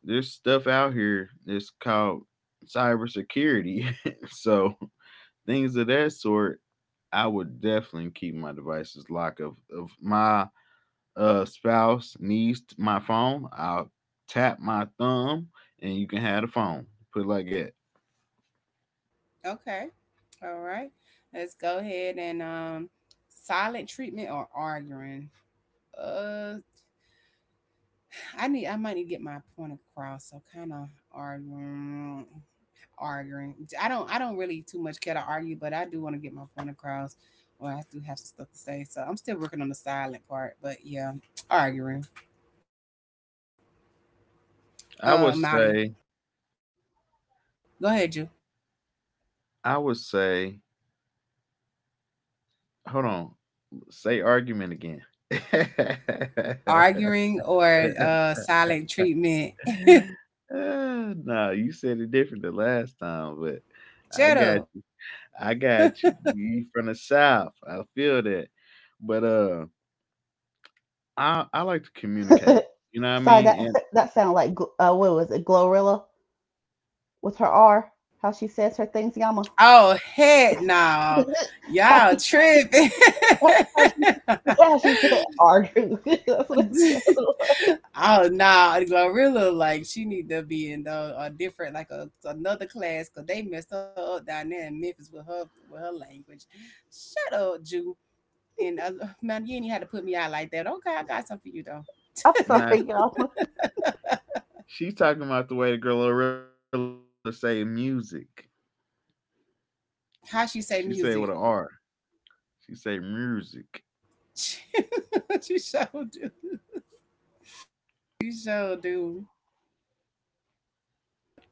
Speaker 2: there's stuff out here that's called cybersecurity. So things of that sort, I would definitely keep my devices locked. Of my spouse needs my phone, I'll tap my thumb and you can have the phone. Put it like that.
Speaker 1: Okay. All right. Let's go ahead and silent treatment or arguing. Uh, I might need to get my point across. So kind of arguing, arguing. I don't really too much care to argue, but I do want to get my point across. Or I do have some stuff to say. So I'm still working on the silent part, but yeah, arguing.
Speaker 2: I
Speaker 1: Uh, I'm
Speaker 2: would
Speaker 1: out it.
Speaker 2: say
Speaker 1: Go ahead, you.
Speaker 2: I would say hold on, say argument again.
Speaker 1: Arguing or silent treatment.
Speaker 2: Nah, you said it different the last time, but I got
Speaker 1: Jetto.
Speaker 2: I got you. You from the South. I feel that. But I like to communicate. You know what I
Speaker 3: Sorry, that
Speaker 2: mean?
Speaker 3: that sounded like what was it, Glorilla with her R? How she says her things, Yama.
Speaker 1: Oh, heck no.
Speaker 3: how,
Speaker 1: Y'all
Speaker 3: she,
Speaker 1: tripping.
Speaker 3: how she how she said argue. That's what it sounded like.
Speaker 1: Oh no, Glorilla, like she need to be in the, a different, like a another class, because they messed her up down there in Memphis with her, with her language. Shut up, Jew. And man, you ain't even had to put me out like that. Okay, I got something for you though.
Speaker 3: I'm
Speaker 2: And now
Speaker 3: sorry, Yama.
Speaker 2: she's talking about the way the girl Gorilla say music. She say it
Speaker 1: How
Speaker 2: with an
Speaker 1: she say
Speaker 2: R.
Speaker 1: music?
Speaker 2: She say music.
Speaker 1: She sure do. She sure do.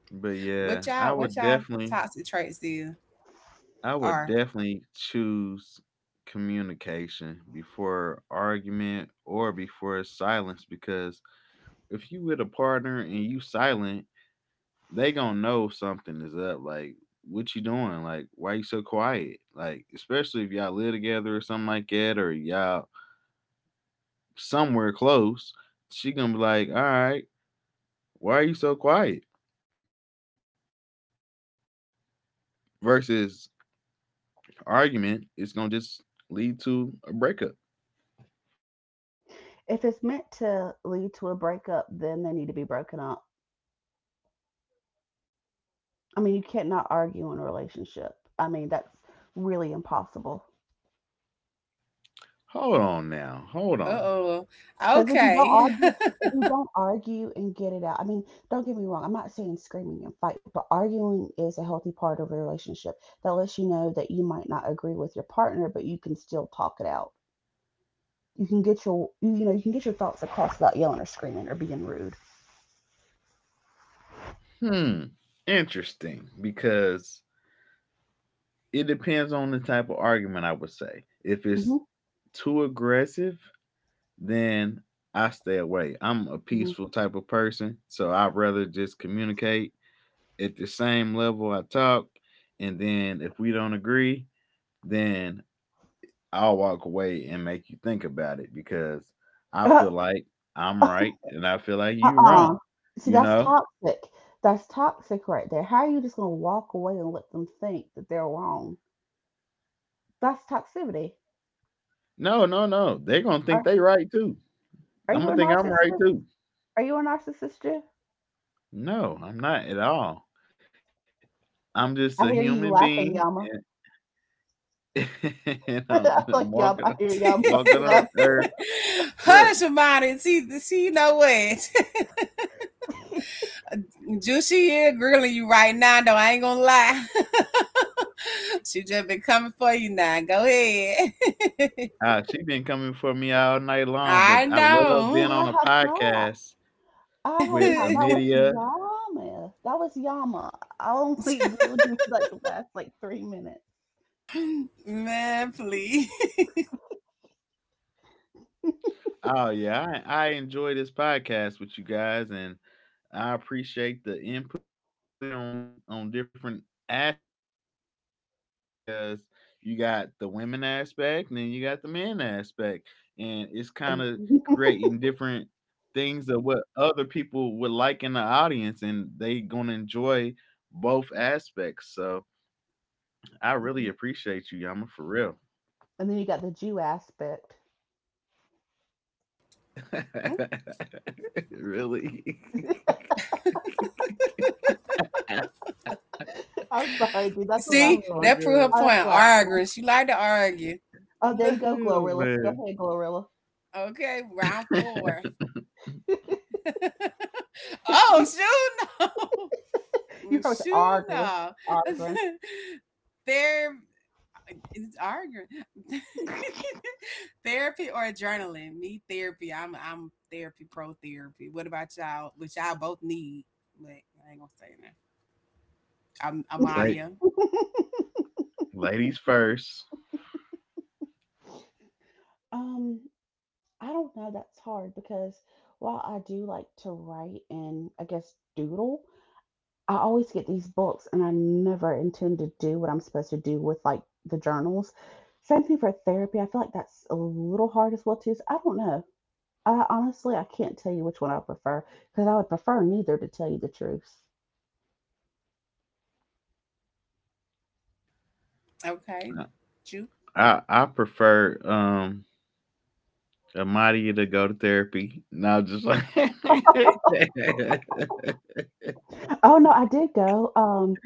Speaker 2: But yeah,
Speaker 1: What y'all, what y'all toxic traits is
Speaker 2: I would
Speaker 1: are?
Speaker 2: definitely choose communication before argument or before silence because if you with a partner and you silent, they gonna know something is up. Like, what you doing? Like, why you so quiet? Like, especially if y'all live together or something like that, or y'all somewhere close, she gonna be like, all right, why are you so quiet? Versus argument, it's gonna just lead to a breakup.
Speaker 3: If it's meant to lead to a breakup, then they need to be broken up. I mean, you can't not argue in a relationship. I mean, that's really impossible.
Speaker 2: Hold on now, hold on.
Speaker 1: Uh-oh.
Speaker 3: Because if you don't
Speaker 1: Okay.
Speaker 3: argue, If you don't argue and get it out, I mean, don't get me wrong. I'm not saying screaming and fight, but arguing is a healthy part of a relationship that lets you know that you might not agree with your partner, but you can still talk it out. You can get your, you know, you can get your thoughts across without yelling or screaming or being rude.
Speaker 2: Hmm, interesting, because it depends on the type of argument. I would say if it's
Speaker 3: hmm
Speaker 2: too aggressive then I stay away. I'm a
Speaker 3: hmm
Speaker 2: peaceful type of person, so I'd rather just communicate at the same level I talk. And then if we don't agree, then I'll walk away and make you think about it because I
Speaker 3: Uh,
Speaker 2: feel like I'm
Speaker 3: uh,
Speaker 2: right and I feel like you
Speaker 3: uh-uh.
Speaker 2: wrong.
Speaker 3: See,
Speaker 2: You
Speaker 3: that's
Speaker 2: know?
Speaker 3: toxic. That's toxic right there. How are you just gonna walk away and let them think that they're wrong? That's toxicity.
Speaker 2: No, no, no. They're gonna think
Speaker 3: Are
Speaker 2: they right too.
Speaker 3: are
Speaker 2: I'm
Speaker 3: you
Speaker 2: gonna
Speaker 3: a
Speaker 2: think I'm right
Speaker 3: narcissist?
Speaker 2: too.
Speaker 3: Are you a narcissist, Jeff?
Speaker 2: No, I'm not at all. I'm just a
Speaker 3: I hear
Speaker 2: human
Speaker 3: you
Speaker 2: being
Speaker 3: laughing, Yama.
Speaker 2: and
Speaker 3: I like
Speaker 2: I'm
Speaker 3: Yama.
Speaker 2: walking
Speaker 3: I
Speaker 2: on,
Speaker 3: hear Yama
Speaker 2: walking on
Speaker 3: laugh.
Speaker 2: earth. Look,
Speaker 1: Hush about, see, see, you know what? Juicy is grilling you right now, though. I ain't gonna lie. She just been coming for you now. Go ahead.
Speaker 2: she been coming for me all night long, but I
Speaker 1: I
Speaker 2: love being
Speaker 1: know.
Speaker 2: on a
Speaker 3: I have not.
Speaker 2: podcast
Speaker 3: I
Speaker 2: with
Speaker 3: have not. That was
Speaker 2: Amelia.
Speaker 3: Yama. That was Yama. I only agree with you for like the last like 3 minutes.
Speaker 1: Man, please.
Speaker 2: Oh yeah, I enjoy this podcast with you guys, and I appreciate the input on different aspects because you got the women aspect, and then you got the men aspect, and it's kind of creating
Speaker 3: And,
Speaker 2: different things of what other people would like in the audience, and they gonna enjoy both aspects. So I really appreciate you,
Speaker 3: Mhm.
Speaker 2: Yama, for real.
Speaker 3: And then you got the Jew aspect.
Speaker 2: Really.
Speaker 1: See, that
Speaker 3: I'm
Speaker 1: proved her
Speaker 3: sorry, dude.
Speaker 1: point.
Speaker 3: That's the
Speaker 2: Oh
Speaker 3: last
Speaker 2: my
Speaker 1: Arguing.
Speaker 3: one.
Speaker 1: She
Speaker 2: god.
Speaker 1: like to
Speaker 3: Oh, that's the last
Speaker 1: argue.
Speaker 3: one.
Speaker 1: Look,
Speaker 3: Oh, there you go,
Speaker 2: Yeah,
Speaker 3: Glorilla. Go
Speaker 2: man.
Speaker 3: ahead, Glorilla.
Speaker 1: okay, round four. Oh,
Speaker 3: you
Speaker 1: shoot, no.
Speaker 3: you always
Speaker 1: Shoot,
Speaker 3: arguing.
Speaker 1: no.
Speaker 3: Arguing.
Speaker 1: They're, it's arguing. Therapy or adrenaline? Me, therapy. I'm therapy, pro therapy. What about y'all? Which y'all both need. But I ain't gonna say
Speaker 2: Like,
Speaker 1: that. I'm Amadia.
Speaker 2: ladies first.
Speaker 3: Um, I don't know. That's hard because while I do like to write and I guess doodle, I always get these books and I never intend to do what I'm supposed to do with like the journals. Same thing for therapy. I feel like that's a little hard as well too. So I don't know. I honestly I can't tell you which one I prefer because I would prefer neither to tell you the truth.
Speaker 1: Okay.
Speaker 2: I
Speaker 1: You.
Speaker 2: prefer Amadia to go to therapy. Now just like
Speaker 3: Oh no, I did go.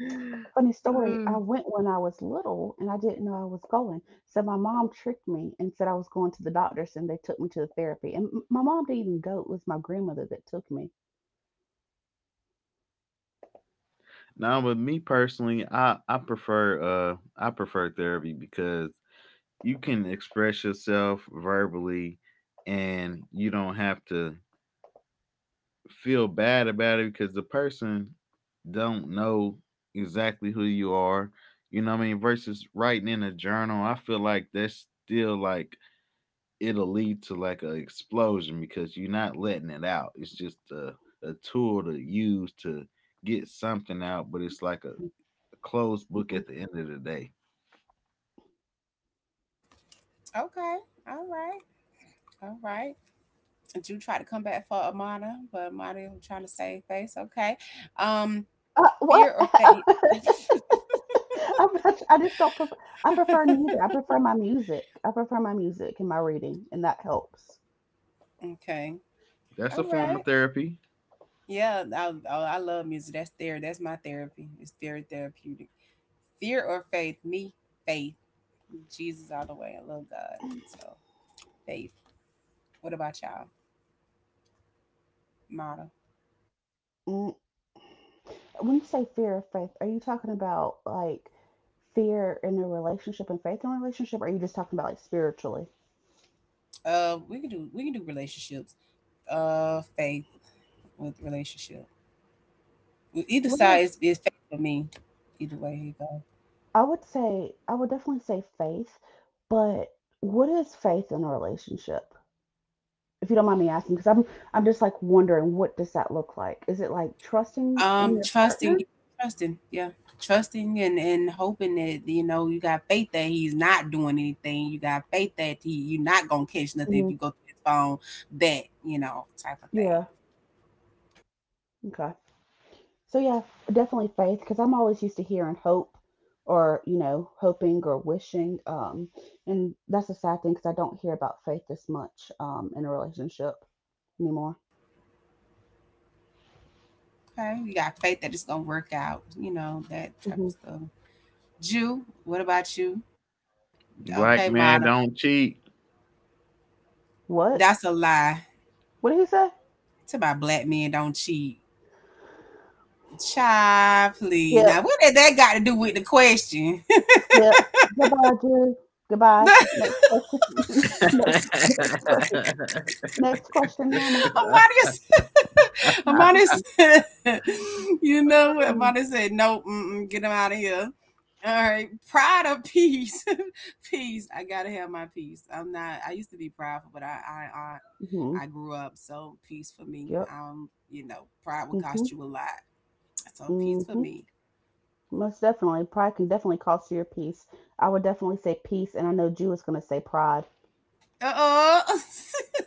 Speaker 3: Funny story, I went when I was little and I didn't know I was going. So my mom tricked me and said I was going to the doctors and they took me to the therapy. And my mom didn't even go. It was my grandmother that took me.
Speaker 2: no, but me personally, I prefer therapy because you can express yourself verbally and you don't have to feel bad about it because the person don't know exactly who you are. You know what I mean? Versus writing in a journal, I feel like that's still like it'll lead to like an explosion because you're not letting it out. It's just a tool to use to get something out, but it's like a closed book at the end of the day.
Speaker 1: Okay. All right. All right. And you tried to come back for Amada, but Amada was trying to save face. Okay. Um,
Speaker 3: What?
Speaker 1: fear or faith?
Speaker 3: I just don't prefer. I prefer neither. I prefer my music. I prefer my music and my reading, and that helps.
Speaker 1: Okay.
Speaker 2: That's a
Speaker 1: All
Speaker 2: form
Speaker 1: right.
Speaker 2: of therapy.
Speaker 1: Yeah. I, oh, I love music. That's therapy. That's my therapy. It's very therapeutic. Fear or faith? Me, faith. Jesus all the way. I love God. So faith. What about y'all? Model.
Speaker 3: When you say fear of faith, are you talking about like fear in a relationship and faith in a relationship, or are you just talking about like spiritually?
Speaker 1: We can do, we can do relationships. Faith with relationship. Either
Speaker 3: What is,
Speaker 1: side is faith for me. Either way, you go.
Speaker 3: I would say, I would definitely say faith, but what is faith in a relationship? If you don't mind me asking, because I'm just like wondering what does that look like? Is it like trusting in your partner?
Speaker 1: Trusting, trusting, yeah, trusting and hoping that, you know, you got faith that he's not doing anything. You got faith that he, you're not gonna catch nothing if
Speaker 3: Mhm.
Speaker 1: you go through his phone. That, you know, type of thing.
Speaker 3: Yeah. Okay. So yeah, definitely faith because I'm always used to hearing hope or you know hoping or wishing, and that's a sad thing because I don't hear about faith this much in a relationship anymore.
Speaker 1: Okay, you got faith that it's gonna work out. You know, that type
Speaker 3: hmm
Speaker 1: of stuff. Jew, what about you?
Speaker 2: Black
Speaker 1: Okay,
Speaker 2: man
Speaker 1: model,
Speaker 2: don't cheat.
Speaker 3: What?
Speaker 1: that's a lie.
Speaker 3: What did he say?
Speaker 1: It's about black men don't cheat. Child, please.
Speaker 3: Skip,
Speaker 1: Now, what did that got to do with the question?
Speaker 3: skip. Goodbye, Drew. Goodbye. Next question. Next question. Next question, Yama.
Speaker 1: Amadia.
Speaker 3: Next
Speaker 1: Amani
Speaker 3: question.
Speaker 1: said, you know what? Amani said, nope, mm-mm, get him out of here. All right. Pride of peace. Peace. I gotta have my peace. I'm not I used to be prideful, but
Speaker 3: hmm
Speaker 1: I grew up, so peace for me.
Speaker 3: Yep.
Speaker 1: You know, pride will
Speaker 3: hmm
Speaker 1: cost you a lot. So peace for
Speaker 3: hmm
Speaker 1: me.
Speaker 3: Most definitely. Pride can definitely cost you your peace. I would definitely say peace, and I know Jew is going to say pride.
Speaker 1: Uh-oh.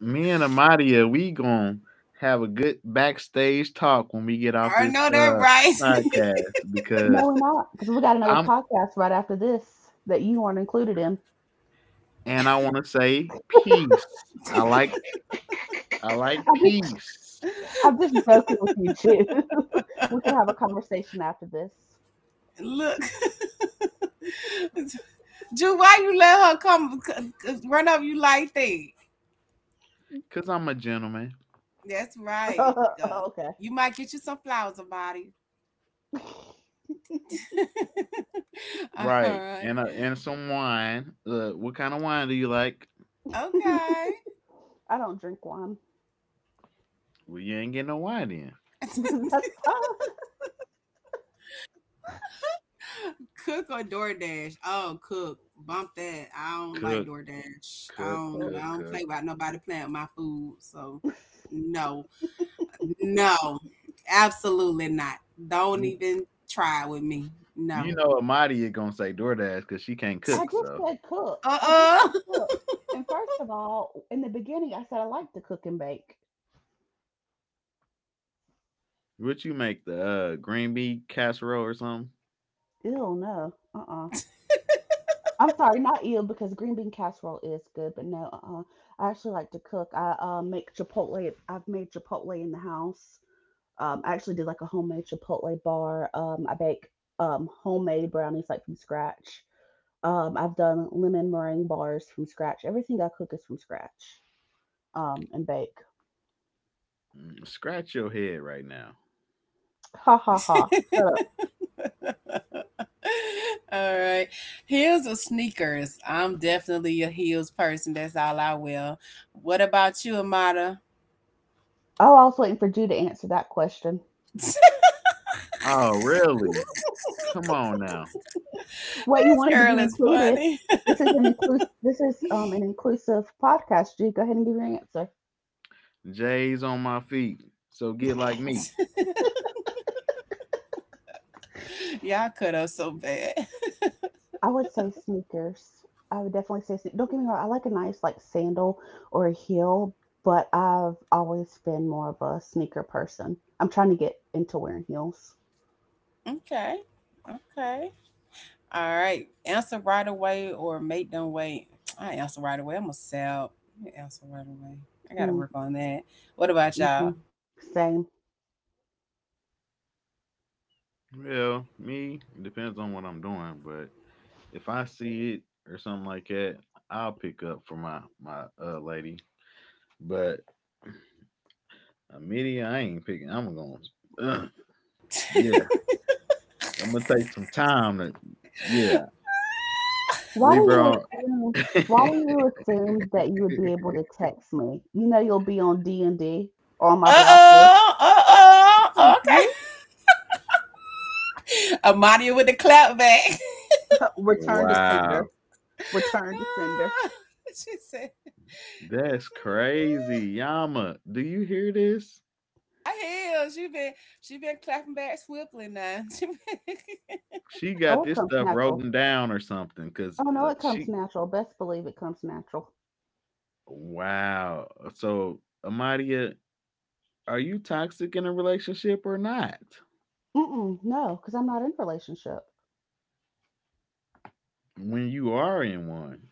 Speaker 2: Me and Amadia, we gonna have a good backstage talk when we get off
Speaker 1: I
Speaker 2: this
Speaker 1: know that
Speaker 2: uh
Speaker 1: right.
Speaker 2: podcast
Speaker 3: No,
Speaker 2: because
Speaker 3: we're not, because we got another
Speaker 2: I'm
Speaker 3: podcast right after this that you aren't included in.
Speaker 2: and I want to say peace. I like I like
Speaker 3: I'm just,
Speaker 2: peace
Speaker 3: I'm just joking with you too. We could have a conversation after this.
Speaker 1: Look. Ju, why you let her come run up you like that?
Speaker 2: because I'm a gentleman,
Speaker 1: That's right. Duh.
Speaker 3: okay.
Speaker 1: You might get you some flowers, Amadi. All
Speaker 2: right?
Speaker 1: right.
Speaker 2: And some wine. What kind of wine do you like?
Speaker 1: Okay.
Speaker 3: I don't drink wine.
Speaker 2: Well, you ain't getting no wine then.
Speaker 3: That's fine.
Speaker 1: Cook or DoorDash? Oh, cook. Bump that. I don't like
Speaker 2: Cook,
Speaker 1: DoorDash. I don't.
Speaker 3: Cook.
Speaker 1: I don't
Speaker 2: cook.
Speaker 1: play with nobody playing with my food. So,
Speaker 3: I
Speaker 1: no, no, absolutely not. Don't
Speaker 2: You
Speaker 1: even try with me. No.
Speaker 2: you know Amadia gonna say DoorDash because she can't cook. So,
Speaker 3: I just
Speaker 1: Uh
Speaker 3: said cook. And first of all, in the beginning, I said I like to cook and bake.
Speaker 2: would you make the green bean casserole or something?
Speaker 3: Ew, no. I'm sorry, not eel because green bean casserole is good, but no, I actually like to cook. I make chipotle. I've made chipotle in the house. I actually did like a homemade chipotle bar. I bake homemade brownies like from scratch. I've done lemon meringue bars from scratch. Everything I cook is from scratch. And bake.
Speaker 2: Mm, scratch your head right now.
Speaker 3: Ha ha ha.
Speaker 1: uh.
Speaker 3: Shut up.
Speaker 1: All right. Heels or sneakers? I'm definitely a heels person. That's all I wear. What about you, Amada?
Speaker 3: Oh, I was waiting for you to answer that question.
Speaker 1: This
Speaker 2: Oh, really? Come on now.
Speaker 3: what you wanted to
Speaker 1: girl
Speaker 3: be
Speaker 1: is
Speaker 3: included.
Speaker 1: funny.
Speaker 3: This is an inclusive podcast, G. Go ahead and give your answer.
Speaker 2: J's on my feet. So get like me.
Speaker 1: Y'all cut up so bad.
Speaker 3: I would say sneakers. I would definitely say don't get me wrong, I like a nice like sandal or a heel, but I've always been more of a sneaker person. I'm trying to get into wearing heels.
Speaker 1: Okay. Okay. All right. Answer right away or make them wait. I answer right away. I'm a sell. Answer right away. I gotta
Speaker 3: Mm,
Speaker 1: work on that. What about y'all?
Speaker 3: hmm Same.
Speaker 2: Well, me, it depends on what I'm doing, but if I see it or something like that, I'll pick up for my my lady. But a media, I ain't picking. I'm gonna, uh, yeah, I'm gonna take some time to, yeah,
Speaker 3: Why
Speaker 2: leave
Speaker 3: do
Speaker 2: her
Speaker 3: you
Speaker 2: on.
Speaker 3: assume why do you assume that you would be able to text me? You know you'll be on D and D or on my
Speaker 1: Uh
Speaker 3: block list.
Speaker 1: oh. Uh oh. Okay.
Speaker 3: What?
Speaker 1: Amadia with the clap back.
Speaker 3: Return to sender.
Speaker 2: Wow,
Speaker 3: Return to sender.
Speaker 1: Oh, she said, she
Speaker 2: that's
Speaker 1: said,
Speaker 2: crazy, Yama. Do you hear this?
Speaker 1: I hell, she been clapping back swiftly now. She been
Speaker 2: She
Speaker 3: Oh,
Speaker 2: got
Speaker 3: it
Speaker 2: this
Speaker 3: comes
Speaker 2: stuff
Speaker 3: natural.
Speaker 2: written down or something, 'cause,
Speaker 3: Oh no, it comes
Speaker 2: she
Speaker 3: natural. Best believe it comes natural.
Speaker 2: wow. So, Amadia, are you toxic in a relationship or not?
Speaker 3: Mm-mm, no, because I'm not in relationship.
Speaker 2: When you are in one.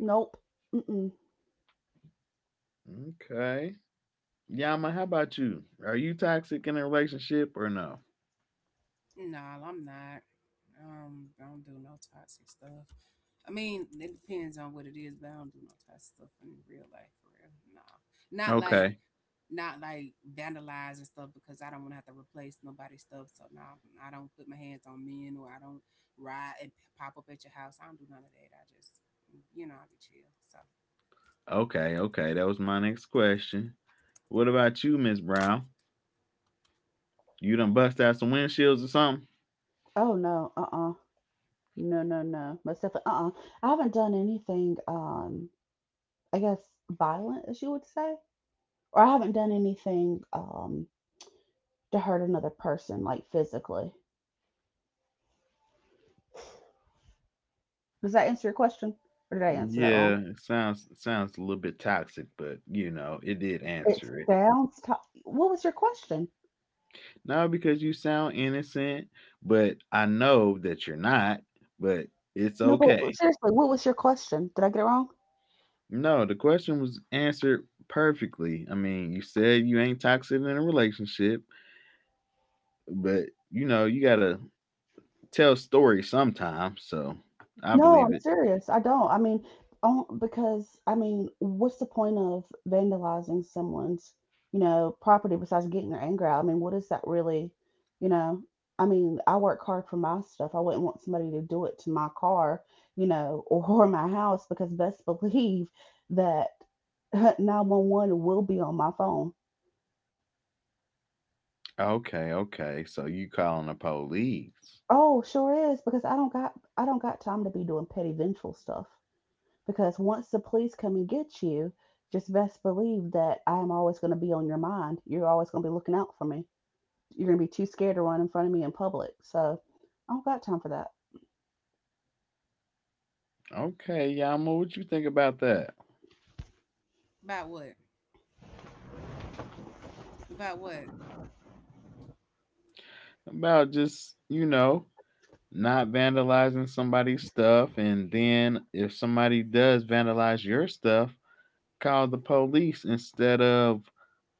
Speaker 3: Nope. Mm-mm.
Speaker 2: Okay. Yama, how about you? Are you toxic in a relationship or no?
Speaker 1: Nah, I'm not. I don't do no toxic stuff. I mean, it depends on what it is, but I don't do no toxic stuff in real life for real. Nah. Not like
Speaker 2: Okay.
Speaker 1: not like vandalize and stuff because I don't want to have to replace nobody's stuff. So no, I don't put my hands on men or I don't ride and pop up at your house. I don't do none of that. I just, I be chill. So
Speaker 2: Okay, okay. That was my next question. What about you, Miss Brown? You done bust out some windshields or something?
Speaker 3: Oh no. Uh-uh. No, no, no. Most definitely. Uh-uh. I haven't done anything. I guess violent, as you would say, or I haven't done anything to hurt another person, like physically. Does that answer your question, or did I answer that wrong?
Speaker 2: Yeah, it sounds a little bit toxic, but you know, it did
Speaker 3: It
Speaker 2: answer it.
Speaker 3: sounds. To- what was your question?
Speaker 2: Not because you sound innocent, but I know that you're not, but it's
Speaker 3: No,
Speaker 2: okay.
Speaker 3: but seriously, what was your question? Did I get it wrong?
Speaker 2: No, the question was answered perfectly. I mean, you said you ain't toxic in a relationship, but you know, you got to tell stories sometime, so I
Speaker 3: No,
Speaker 2: believe
Speaker 3: I'm
Speaker 2: it.
Speaker 3: serious. I don't. I mean, because I mean, what's the point of vandalizing someone's, you know, property besides getting their anger out? I mean, what is that really, you know? I mean, I work hard for my stuff. I wouldn't want somebody to do it to my car, you know, or my house because best believe that 911 will be on my phone.
Speaker 2: Okay, okay. So you calling the police.
Speaker 3: Oh, sure is because I don't got time to be doing petty vengeful stuff. Because once the police come and get you, just best believe that I am always going to be on your mind. You're always going to be looking out for me. You're going to be too scared to run in front of me in public. So I don't got time for that.
Speaker 2: Okay, Yama, what you think about that?
Speaker 1: about what? About what?
Speaker 2: About just, you know, not vandalizing somebody's stuff and then if somebody does vandalize your stuff call the police instead of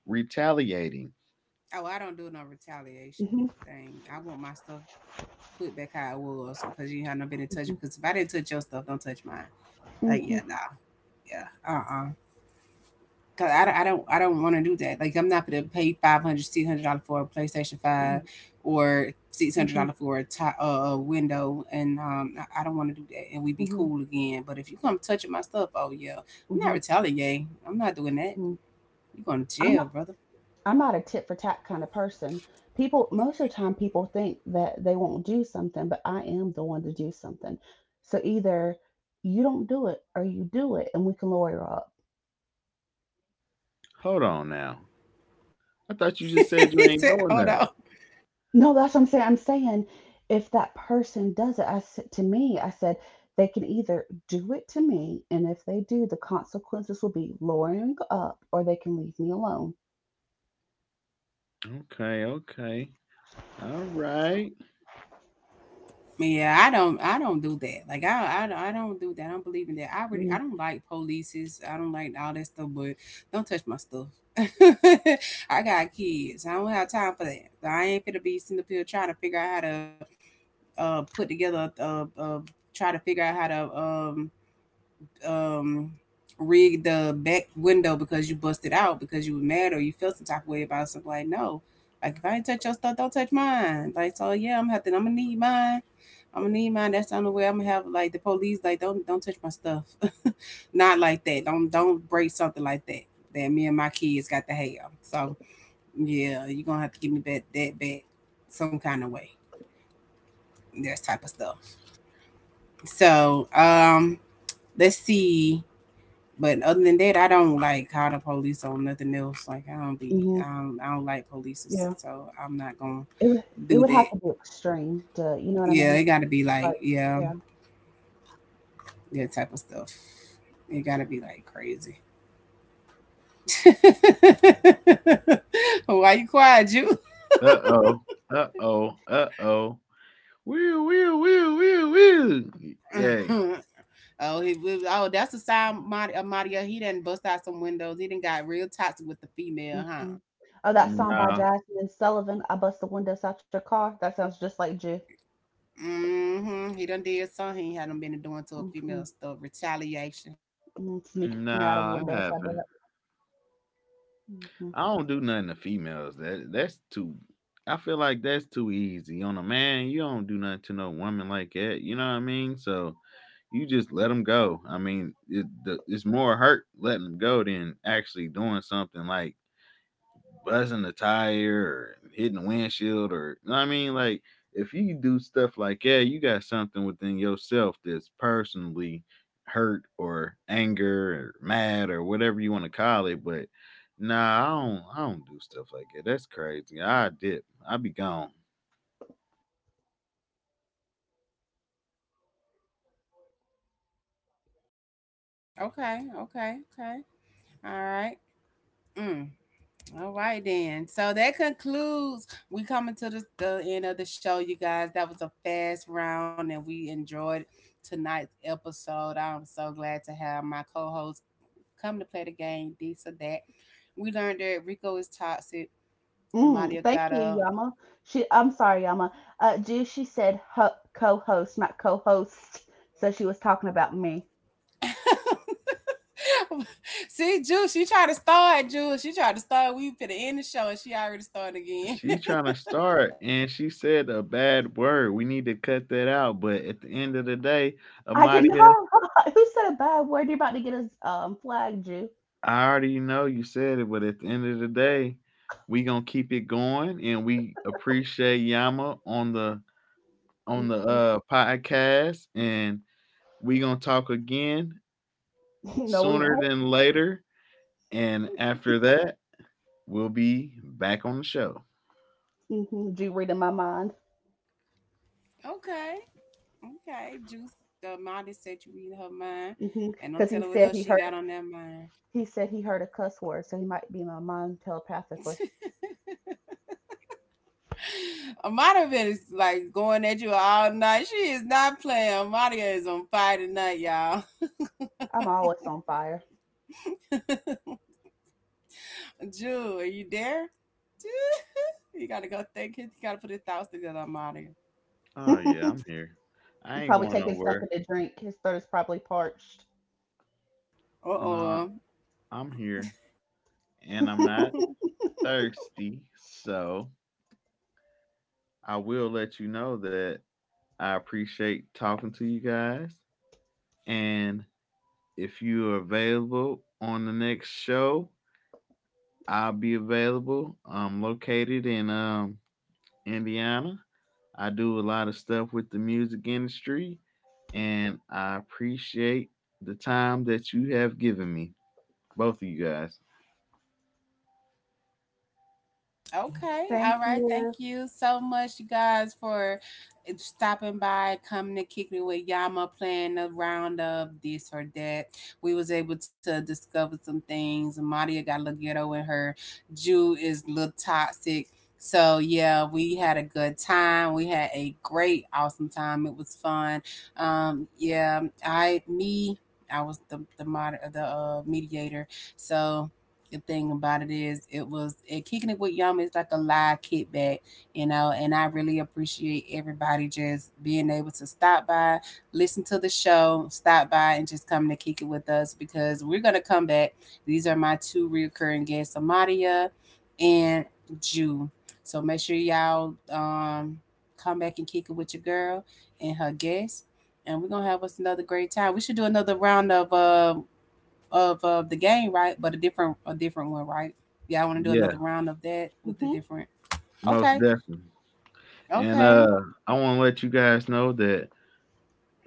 Speaker 2: retaliating.
Speaker 1: Oh, I don't do no retaliation
Speaker 3: hmm
Speaker 1: thing. I want my stuff put back how it was because you haven't been in touch.
Speaker 3: hmm
Speaker 1: Because if I didn't touch your stuff, don't touch mine. Like,
Speaker 3: hmm
Speaker 1: yeah, nah, yeah, cause I don't want to do that. Like, I'm not gonna pay 500, $600 for a PlayStation 5 or six hundred
Speaker 3: hmm
Speaker 1: dollars for a window, and I don't want to do that. And we be
Speaker 3: hmm
Speaker 1: cool again. But if you come touching my stuff, oh yeah, I'm
Speaker 3: hmm
Speaker 1: not retaliating. I'm not doing that.
Speaker 3: hmm
Speaker 1: You going to
Speaker 3: I'm
Speaker 1: jail,
Speaker 3: not.
Speaker 1: brother?
Speaker 3: I'm not a tit for tat kind of person. People, most of the time, people think that they won't do something, but I am the one to do something. So either you don't do it or you do it, and we can lawyer up.
Speaker 2: Hold on now, I thought you just said
Speaker 1: He
Speaker 2: you
Speaker 1: said,
Speaker 2: ain't doing
Speaker 1: hold on.
Speaker 2: that.
Speaker 3: No, that's what I'm saying. I'm saying if that person does it, I said they can either do it to me, and if they do, the consequences will be lowering up, or they can leave me alone.
Speaker 2: Okay, okay, all right.
Speaker 1: Yeah, I don't do that. Like, I don't do that. I don't believe in that. I really, I don't like polices. I don't like all that stuff. But don't touch my stuff. I got kids. I don't have time for that. I ain't finna be sitting up here trying to figure out how to, put together, try to figure out how to, um rig the back window because you busted out because you were mad or you felt some type of way about something. Like, no, like if I ain't touch your stuff, don't touch mine. Like, so yeah, I'm gonna need mine. I'm gonna need mine. That's the only way I'm gonna have like the police. Like, don't touch my stuff. Not like that. Don't break something like that. That me and my kids got to have. So yeah, you're gonna have to give me back that back some kind of way. That type of stuff. So let's see. But other than that, I don't like call the police on nothing else. Like I don't be,
Speaker 3: Mm-hmm.
Speaker 1: I don't, I don't like police's,
Speaker 3: Yeah,
Speaker 1: so I'm not gonna
Speaker 3: it would it
Speaker 1: do
Speaker 3: would have
Speaker 1: that.
Speaker 3: to be extreme to you know what I
Speaker 1: Yeah,
Speaker 3: mean?
Speaker 1: it gotta be like,
Speaker 3: Like
Speaker 1: yeah,
Speaker 3: yeah.
Speaker 1: that type of stuff. It gotta be like crazy. Why you quiet, you?
Speaker 2: Uh-oh, uh-oh, uh-oh. Woo woo woo woo woo. Yay.
Speaker 1: Oh, that's a sign, Maria. He done bust out some windows. He done got real toxic with the female, huh?
Speaker 3: hmm Oh, that song by
Speaker 2: No,
Speaker 3: Jasmine Sullivan, "I Bust the Windows Out Your Car." That sounds just like Jew.
Speaker 1: Mm-hmm. He done did something. He hadn't been doing to a female
Speaker 3: hmm
Speaker 1: stuff. Retaliation.
Speaker 3: Sneaking
Speaker 2: no
Speaker 3: out of windows,
Speaker 2: I
Speaker 3: I bet.
Speaker 2: haven't.
Speaker 3: Mm-hmm.
Speaker 2: I don't do nothing to females. That that's too. I feel like that's too easy on a man. You don't do nothing to no woman like that. You know what I mean? So you just let them go. I mean, it's more hurt letting them go than actually doing something like buzzing the tire or hitting the windshield, or you know what I mean? Like if you do stuff like that, you got something within yourself that's personally hurt or anger or mad or whatever you want to call it. But nah, I don't do stuff like that. That's crazy. I dip. I be gone.
Speaker 1: Okay, okay, okay. All right. Mm. All right then. So that concludes. We coming to the end of the show, you guys. That was a fast round, and we enjoyed tonight's episode. I'm so glad to have my co-host come to play the game. This or that. We learned that Rico is toxic.
Speaker 3: Mm,
Speaker 1: Mario
Speaker 3: thank
Speaker 1: got
Speaker 3: you,
Speaker 1: up.
Speaker 3: Yama. She, I'm sorry, Yama. G, she said co-host, not co-host. So she was talking about me.
Speaker 1: See, Juice, she tried to start. Juice, she tried to start. We finna end the show, and she already started again.
Speaker 2: She trying to start and she said a bad word. We need to cut that out. But at the end of the day,
Speaker 3: I did
Speaker 2: Amadia,
Speaker 3: not. Who said a bad word? You're about to get us flagged, Jew.
Speaker 2: I already know you said it, but at the end of the day, we gonna keep it going, and we appreciate Yama on the podcast, and we gonna talk again
Speaker 3: no, we
Speaker 2: sooner
Speaker 3: won't.
Speaker 2: than later, and after that, we'll be back on the show.
Speaker 3: Jew reading my mind.
Speaker 1: Okay. Okay, Juice, the modest said you read her mind,
Speaker 3: hmm
Speaker 1: and don't
Speaker 3: Cause
Speaker 1: tell
Speaker 3: he
Speaker 1: her what
Speaker 3: said
Speaker 1: else
Speaker 3: he
Speaker 1: she
Speaker 3: heard.
Speaker 1: got on that mind.
Speaker 3: He said he heard a cuss word, so he might be in my mind telepathically.
Speaker 1: Amadia been is like going at you all night. She is not playing. Amadia is on fire tonight, y'all.
Speaker 3: I'm always on fire.
Speaker 1: Jewel, are you there? Ju- You gotta go think. You gotta put your thoughts together, Amadia.
Speaker 2: Oh yeah, I'm here.
Speaker 3: He's
Speaker 2: I ain't
Speaker 3: probably
Speaker 2: going
Speaker 3: taking something
Speaker 2: nowhere.
Speaker 3: to drink. His throat is probably parched.
Speaker 1: Uh
Speaker 2: Nah,
Speaker 1: oh.
Speaker 2: I'm here, and I'm not thirsty, so I will let you know that I appreciate talking to you guys and if you're available on the next show, I'll be available. I'm located in Indiana. I do a lot of stuff with the music industry, and I appreciate the time that you have given me, both of you guys.
Speaker 1: Okay. All
Speaker 3: Thank
Speaker 1: right. Thank
Speaker 3: you.
Speaker 1: you so much, you guys, for stopping by, coming to kick me with Yama, playing a round of this or that. We was able to discover some things. Maria got a little ghetto in her. Jew is a little toxic. So yeah, we had a good time. We had a great, awesome time. It was fun. Yeah, I was the mediator. So the thing about it is kicking it with Yama is like a live kickback, and I really appreciate everybody just being able to stop by, listen to the show, stop by and just come to kick it with us because we're gonna come back. These are my two recurring guests, Amadia and Jew. So make sure y'all come back and kick it with your girl and her guests. And we're gonna have us another great time. We should do another round of the game, right? But a different one, right? Y'all want to do another
Speaker 2: Yeah,
Speaker 1: round of that with the different?
Speaker 2: most
Speaker 1: Okay,
Speaker 2: definitely. And
Speaker 1: okay.
Speaker 2: I want to let you guys know that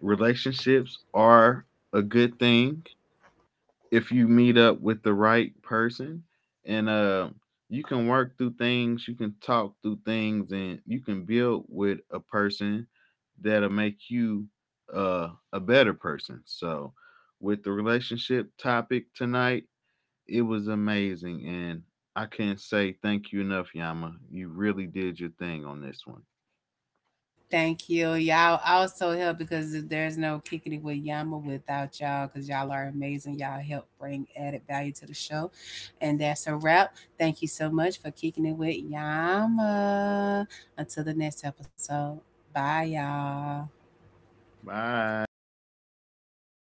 Speaker 2: relationships are a good thing. If you meet up with the right person and you can work through things, you can talk through things, and you can build with a person that'll make you a better person. So with the relationship topic tonight, it was amazing and I can't say thank you enough, Yama. You really did your thing on this one.
Speaker 1: Thank you. Y'all also help because there's no kicking it with Yama without y'all because y'all are amazing. Y'all help bring added value to the show. And that's a wrap. Thank you so much for kicking it with Yama. Until the next episode. Bye, y'all.
Speaker 2: Bye.